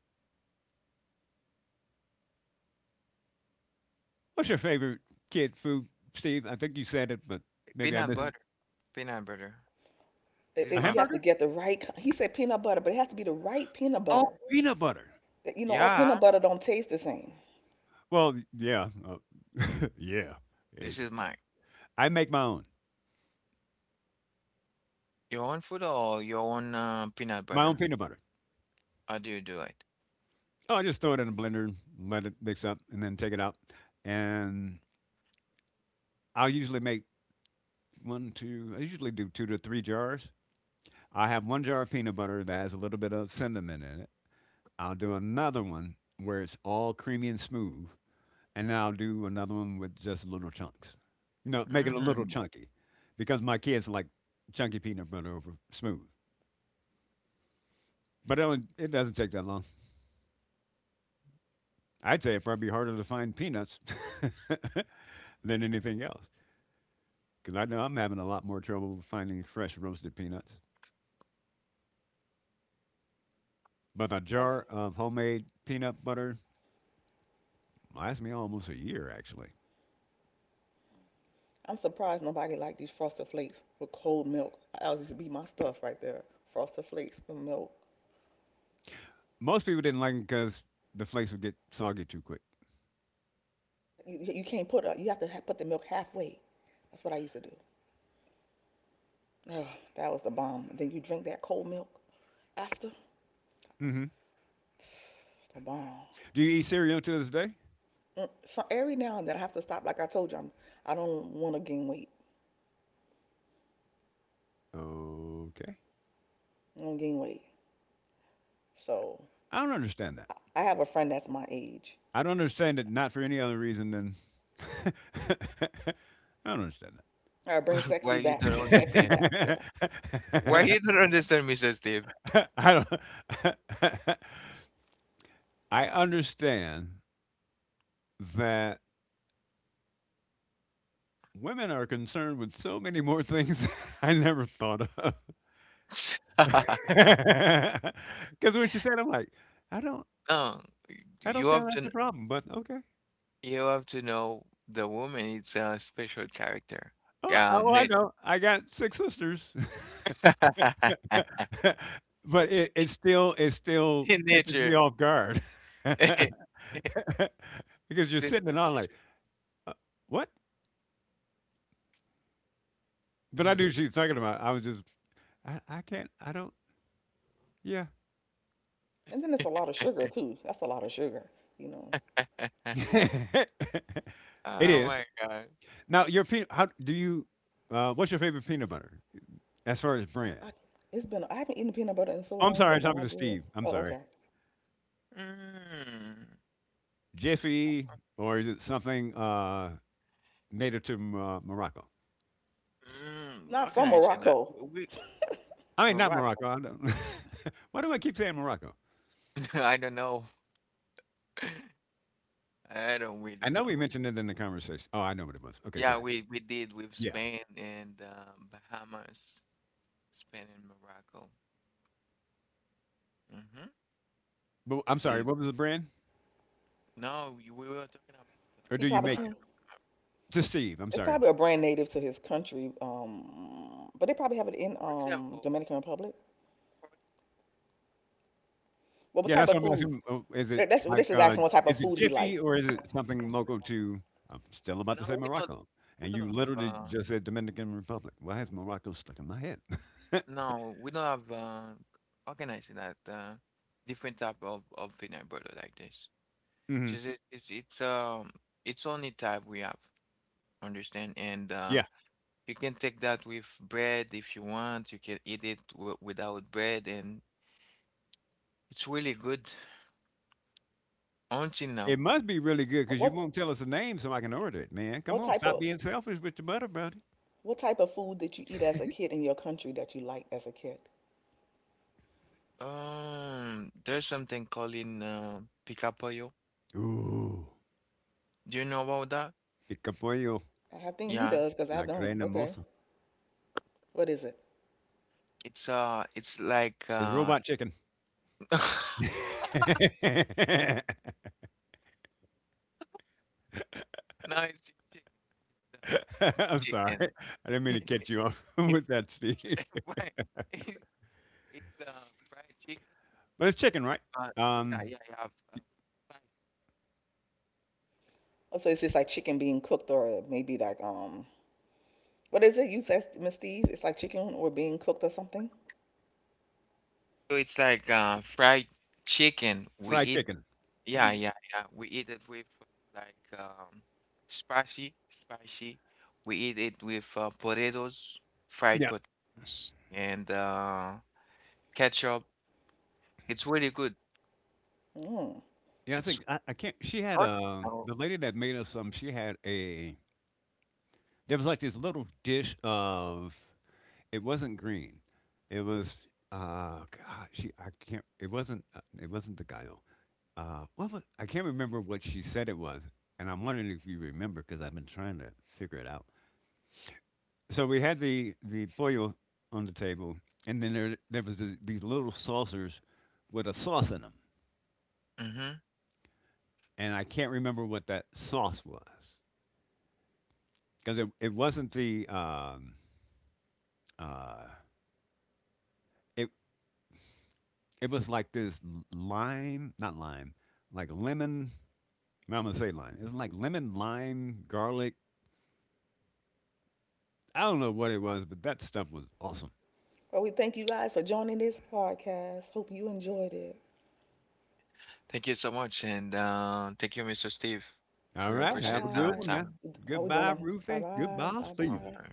[SPEAKER 3] What's your favorite kid food, Steve? I think you said it, but maybe I
[SPEAKER 1] Peanut
[SPEAKER 3] missed it.
[SPEAKER 1] butter. Peanut butter. This is
[SPEAKER 3] A
[SPEAKER 1] my
[SPEAKER 2] You have to
[SPEAKER 1] fav-
[SPEAKER 3] hamburger?
[SPEAKER 2] get the right. ki- He said peanut butter, but it has to be the right peanut
[SPEAKER 3] Oh,
[SPEAKER 2] butter.
[SPEAKER 3] peanut butter.
[SPEAKER 2] You know, all
[SPEAKER 1] Yeah,
[SPEAKER 2] peanut butter don't taste the same.
[SPEAKER 3] Well, yeah, yeah.
[SPEAKER 1] this
[SPEAKER 3] It-
[SPEAKER 1] is my
[SPEAKER 3] I make
[SPEAKER 1] your own food or your own, peanut
[SPEAKER 3] my own
[SPEAKER 1] butter.
[SPEAKER 3] peanut butter.
[SPEAKER 1] How do you do it?
[SPEAKER 3] Oh, I just throw it in a blender, and let it mix up, and then take it out. And I'll usually make I usually do two to three jars. I have one jar of peanut butter that has a little bit of cinnamon in it. I'll do another one where it's all creamy and smooth. And then I'll do another one with just little chunks. You know, make it a little
[SPEAKER 1] Mm.
[SPEAKER 3] chunky because my kids like chunky peanut butter over smooth. It doesn't take that long. I'd say it'd probably be harder to find peanuts than anything else because I know I'm having a lot more trouble finding fresh roasted peanuts. But a
[SPEAKER 2] Like,
[SPEAKER 3] jar of homemade peanut butter lasts me almost a year, actually.
[SPEAKER 2] I'm surprised nobody liked these Frosted Flakes with cold milk. That used to be my stuff right there. Frosted Flakes with milk.
[SPEAKER 3] Most people didn't like them because the flakes would get soggy too quick.
[SPEAKER 2] You can't put a, you have to put the milk halfway. That's what I used to do. Oh, that was the bomb. And then you drink that cold milk after.
[SPEAKER 3] Hmm.
[SPEAKER 2] It's the bomb.
[SPEAKER 3] Do you eat cereal to this day?
[SPEAKER 2] Mm. So every now and then I have to stop. Like I told you, I'm, I don't want to gain weight.
[SPEAKER 3] Okay.
[SPEAKER 2] I don't gain weight. So
[SPEAKER 3] I don't understand that.
[SPEAKER 2] I have a friend that's my age.
[SPEAKER 3] I don't understand it not for any other reason than. I don't understand
[SPEAKER 2] All right, bring
[SPEAKER 1] Why
[SPEAKER 2] sexy
[SPEAKER 1] you
[SPEAKER 2] back.
[SPEAKER 1] don't
[SPEAKER 2] Keep sexy
[SPEAKER 1] understand?
[SPEAKER 2] back. Yeah.
[SPEAKER 3] that.
[SPEAKER 1] Why you don't understand, Mr. Steve?
[SPEAKER 3] I don't. I understand that women are concerned with so many more things I never thought of. Because when she said, I'm like, I don't,
[SPEAKER 1] No,
[SPEAKER 3] I don't
[SPEAKER 1] you
[SPEAKER 3] see how
[SPEAKER 1] have
[SPEAKER 3] that's a
[SPEAKER 1] to,
[SPEAKER 3] problem, but okay.
[SPEAKER 1] know the woman is a special character.
[SPEAKER 3] Oh, I
[SPEAKER 1] Nature.
[SPEAKER 3] know. I got six sisters, but it still
[SPEAKER 1] In
[SPEAKER 3] catches me
[SPEAKER 1] nature.
[SPEAKER 3] off guard because
[SPEAKER 1] It's
[SPEAKER 3] you're
[SPEAKER 1] been
[SPEAKER 3] sitting
[SPEAKER 1] for
[SPEAKER 3] and I'm like,
[SPEAKER 1] leisure.
[SPEAKER 3] uh, what? But I knew she was talking about. I can't, I don't, yeah.
[SPEAKER 2] And then it's a lot of sugar too. That's a lot of sugar, you know.
[SPEAKER 3] It
[SPEAKER 1] Oh
[SPEAKER 3] is
[SPEAKER 1] my god.
[SPEAKER 3] now your peanut. How do you? What's your favorite peanut butter as far as brand?
[SPEAKER 2] I, it's been I haven't eaten peanut butter in so
[SPEAKER 3] Oh, I'm
[SPEAKER 2] long,
[SPEAKER 3] sorry,
[SPEAKER 2] but
[SPEAKER 3] I'm
[SPEAKER 2] when
[SPEAKER 3] talking
[SPEAKER 2] I
[SPEAKER 3] to
[SPEAKER 2] did,
[SPEAKER 3] Steve. I'm
[SPEAKER 2] oh
[SPEAKER 3] sorry.
[SPEAKER 2] okay,
[SPEAKER 1] Mm,
[SPEAKER 3] Jiffy, or is it something native to Morocco?
[SPEAKER 1] how
[SPEAKER 2] not
[SPEAKER 1] can
[SPEAKER 2] from
[SPEAKER 1] I say that?
[SPEAKER 2] Morocco.
[SPEAKER 1] We
[SPEAKER 3] I mean, not
[SPEAKER 1] Morocco.
[SPEAKER 3] Morocco. I don't. Why do I keep saying Morocco?
[SPEAKER 1] I don't know. I don't really
[SPEAKER 3] I know we
[SPEAKER 1] know.
[SPEAKER 3] mentioned it in the conversation. Oh, I know what it was. Okay, go
[SPEAKER 1] Yeah,
[SPEAKER 3] ahead.
[SPEAKER 1] we did with
[SPEAKER 3] Yeah.
[SPEAKER 1] Spain and, Bahamas, Spain and Morocco. hmm
[SPEAKER 3] But
[SPEAKER 1] We
[SPEAKER 3] I'm sorry.
[SPEAKER 1] did.
[SPEAKER 3] What was the brand?
[SPEAKER 1] No, we were talking about,
[SPEAKER 3] Or
[SPEAKER 2] He
[SPEAKER 3] do you
[SPEAKER 2] probably
[SPEAKER 3] make it?
[SPEAKER 2] can.
[SPEAKER 1] Morocco.
[SPEAKER 3] To Steve. I'm
[SPEAKER 2] It's
[SPEAKER 3] sorry.
[SPEAKER 2] probably a brand native to his country, but they probably have
[SPEAKER 1] Oh,
[SPEAKER 2] it in
[SPEAKER 1] for example,
[SPEAKER 2] Dominican Republic.
[SPEAKER 1] for
[SPEAKER 2] Well, what
[SPEAKER 3] Yeah,
[SPEAKER 2] type
[SPEAKER 3] that's
[SPEAKER 2] of
[SPEAKER 3] what I'm
[SPEAKER 2] foods?
[SPEAKER 3] asking. Oh, is it
[SPEAKER 2] That, that's
[SPEAKER 3] like,
[SPEAKER 2] this is asking what type of
[SPEAKER 3] is it
[SPEAKER 2] food he
[SPEAKER 3] Jiffy
[SPEAKER 2] liked.
[SPEAKER 3] or is it something local to, I'm still about to say
[SPEAKER 1] no, we don't.
[SPEAKER 3] Morocco.
[SPEAKER 1] We
[SPEAKER 3] And
[SPEAKER 1] don't
[SPEAKER 3] you
[SPEAKER 1] have,
[SPEAKER 3] literally just said Dominican Republic. Why is Morocco stuck in my head?
[SPEAKER 1] no, we don't have organizing that, different type of peanut butter like this.
[SPEAKER 3] Hmm.
[SPEAKER 1] Just it, it's only type we have, understand? And
[SPEAKER 3] Yeah.
[SPEAKER 1] you can take that with bread if you want. You can eat it w without bread, and it's really good. Until
[SPEAKER 3] It
[SPEAKER 1] now,
[SPEAKER 3] must be really good
[SPEAKER 2] What
[SPEAKER 3] because you
[SPEAKER 2] what
[SPEAKER 3] won't tell us the name so I can order it, man. Come
[SPEAKER 2] what
[SPEAKER 3] on,
[SPEAKER 2] type
[SPEAKER 3] stop
[SPEAKER 2] of
[SPEAKER 3] being selfish with your butter, buddy.
[SPEAKER 2] what type of food did you eat as a kid in your country that you liked as a kid?
[SPEAKER 1] there's something calling, picapoyo.
[SPEAKER 3] Ooh.
[SPEAKER 1] Do you know about that?
[SPEAKER 3] Pica pollo,
[SPEAKER 2] I think he
[SPEAKER 1] Yeah,
[SPEAKER 2] does because I
[SPEAKER 3] la
[SPEAKER 2] don't.
[SPEAKER 3] gran
[SPEAKER 2] Okay,
[SPEAKER 3] hermosa.
[SPEAKER 2] what is it?
[SPEAKER 1] it's like,
[SPEAKER 3] It's robot chicken.
[SPEAKER 1] no, it's
[SPEAKER 3] I'm sorry. I
[SPEAKER 1] chicken.
[SPEAKER 3] didn't mean
[SPEAKER 1] Fried
[SPEAKER 3] to
[SPEAKER 1] chicken.
[SPEAKER 3] catch you off
[SPEAKER 1] If
[SPEAKER 3] with that, Steve.
[SPEAKER 1] it's right, it's fried chicken.
[SPEAKER 3] But it's chicken, right?
[SPEAKER 1] Yeah,
[SPEAKER 3] Um,
[SPEAKER 1] yeah, yeah. With rice.
[SPEAKER 2] Oh, so it's just like chicken being cooked or maybe like what is it you said, Miss Steve? It's like chicken or being cooked or something.
[SPEAKER 1] So it's like fried chicken. We
[SPEAKER 3] fried
[SPEAKER 1] eat.
[SPEAKER 3] chicken.
[SPEAKER 1] Yeah,
[SPEAKER 2] Mm.
[SPEAKER 1] yeah, yeah. We eat it with, like, spicy, spicy. We eat it with, potatoes, fried
[SPEAKER 3] Yeah.
[SPEAKER 1] potatoes, and ketchup. It's really good.
[SPEAKER 2] Mm.
[SPEAKER 3] Yeah, I
[SPEAKER 1] It's.
[SPEAKER 3] think I can't. She had a, the lady that made us some. She had a there was like this little dish of, it wasn't green. It was God. She I can't. It wasn't. It wasn't the gallo. What was? I can't remember what she said it was, and I'm wondering if you remember because I've been trying to figure it out. So we had the pollo on the table, and then there was this, these little saucers with a sauce in them,
[SPEAKER 1] Mm-hmm.
[SPEAKER 3] and I can't remember what that sauce was because it wasn't the uh it it was like this lime, not lime, like lemon. I'm gonna say lime. It's like lemon, lime, garlic. I don't know what it was, but that stuff was awesome.
[SPEAKER 2] Well, we thank you guys for joining this podcast. Hope you enjoyed it.
[SPEAKER 1] Thank you so much, and thank you, Mr. Steve,
[SPEAKER 3] All
[SPEAKER 1] for your
[SPEAKER 2] Bye
[SPEAKER 3] right, have
[SPEAKER 1] precious,
[SPEAKER 3] a good one
[SPEAKER 2] bye.
[SPEAKER 3] now.
[SPEAKER 1] time.
[SPEAKER 2] Are we doing
[SPEAKER 3] Goodbye,
[SPEAKER 2] on? Bye
[SPEAKER 3] Ruthie.
[SPEAKER 2] bye.
[SPEAKER 3] Goodbye,
[SPEAKER 2] Bye
[SPEAKER 1] Bye
[SPEAKER 3] Steven.
[SPEAKER 2] bye.
[SPEAKER 1] bye.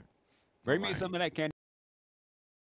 [SPEAKER 1] Bye
[SPEAKER 3] Bring me
[SPEAKER 1] bye.
[SPEAKER 3] some of that candy from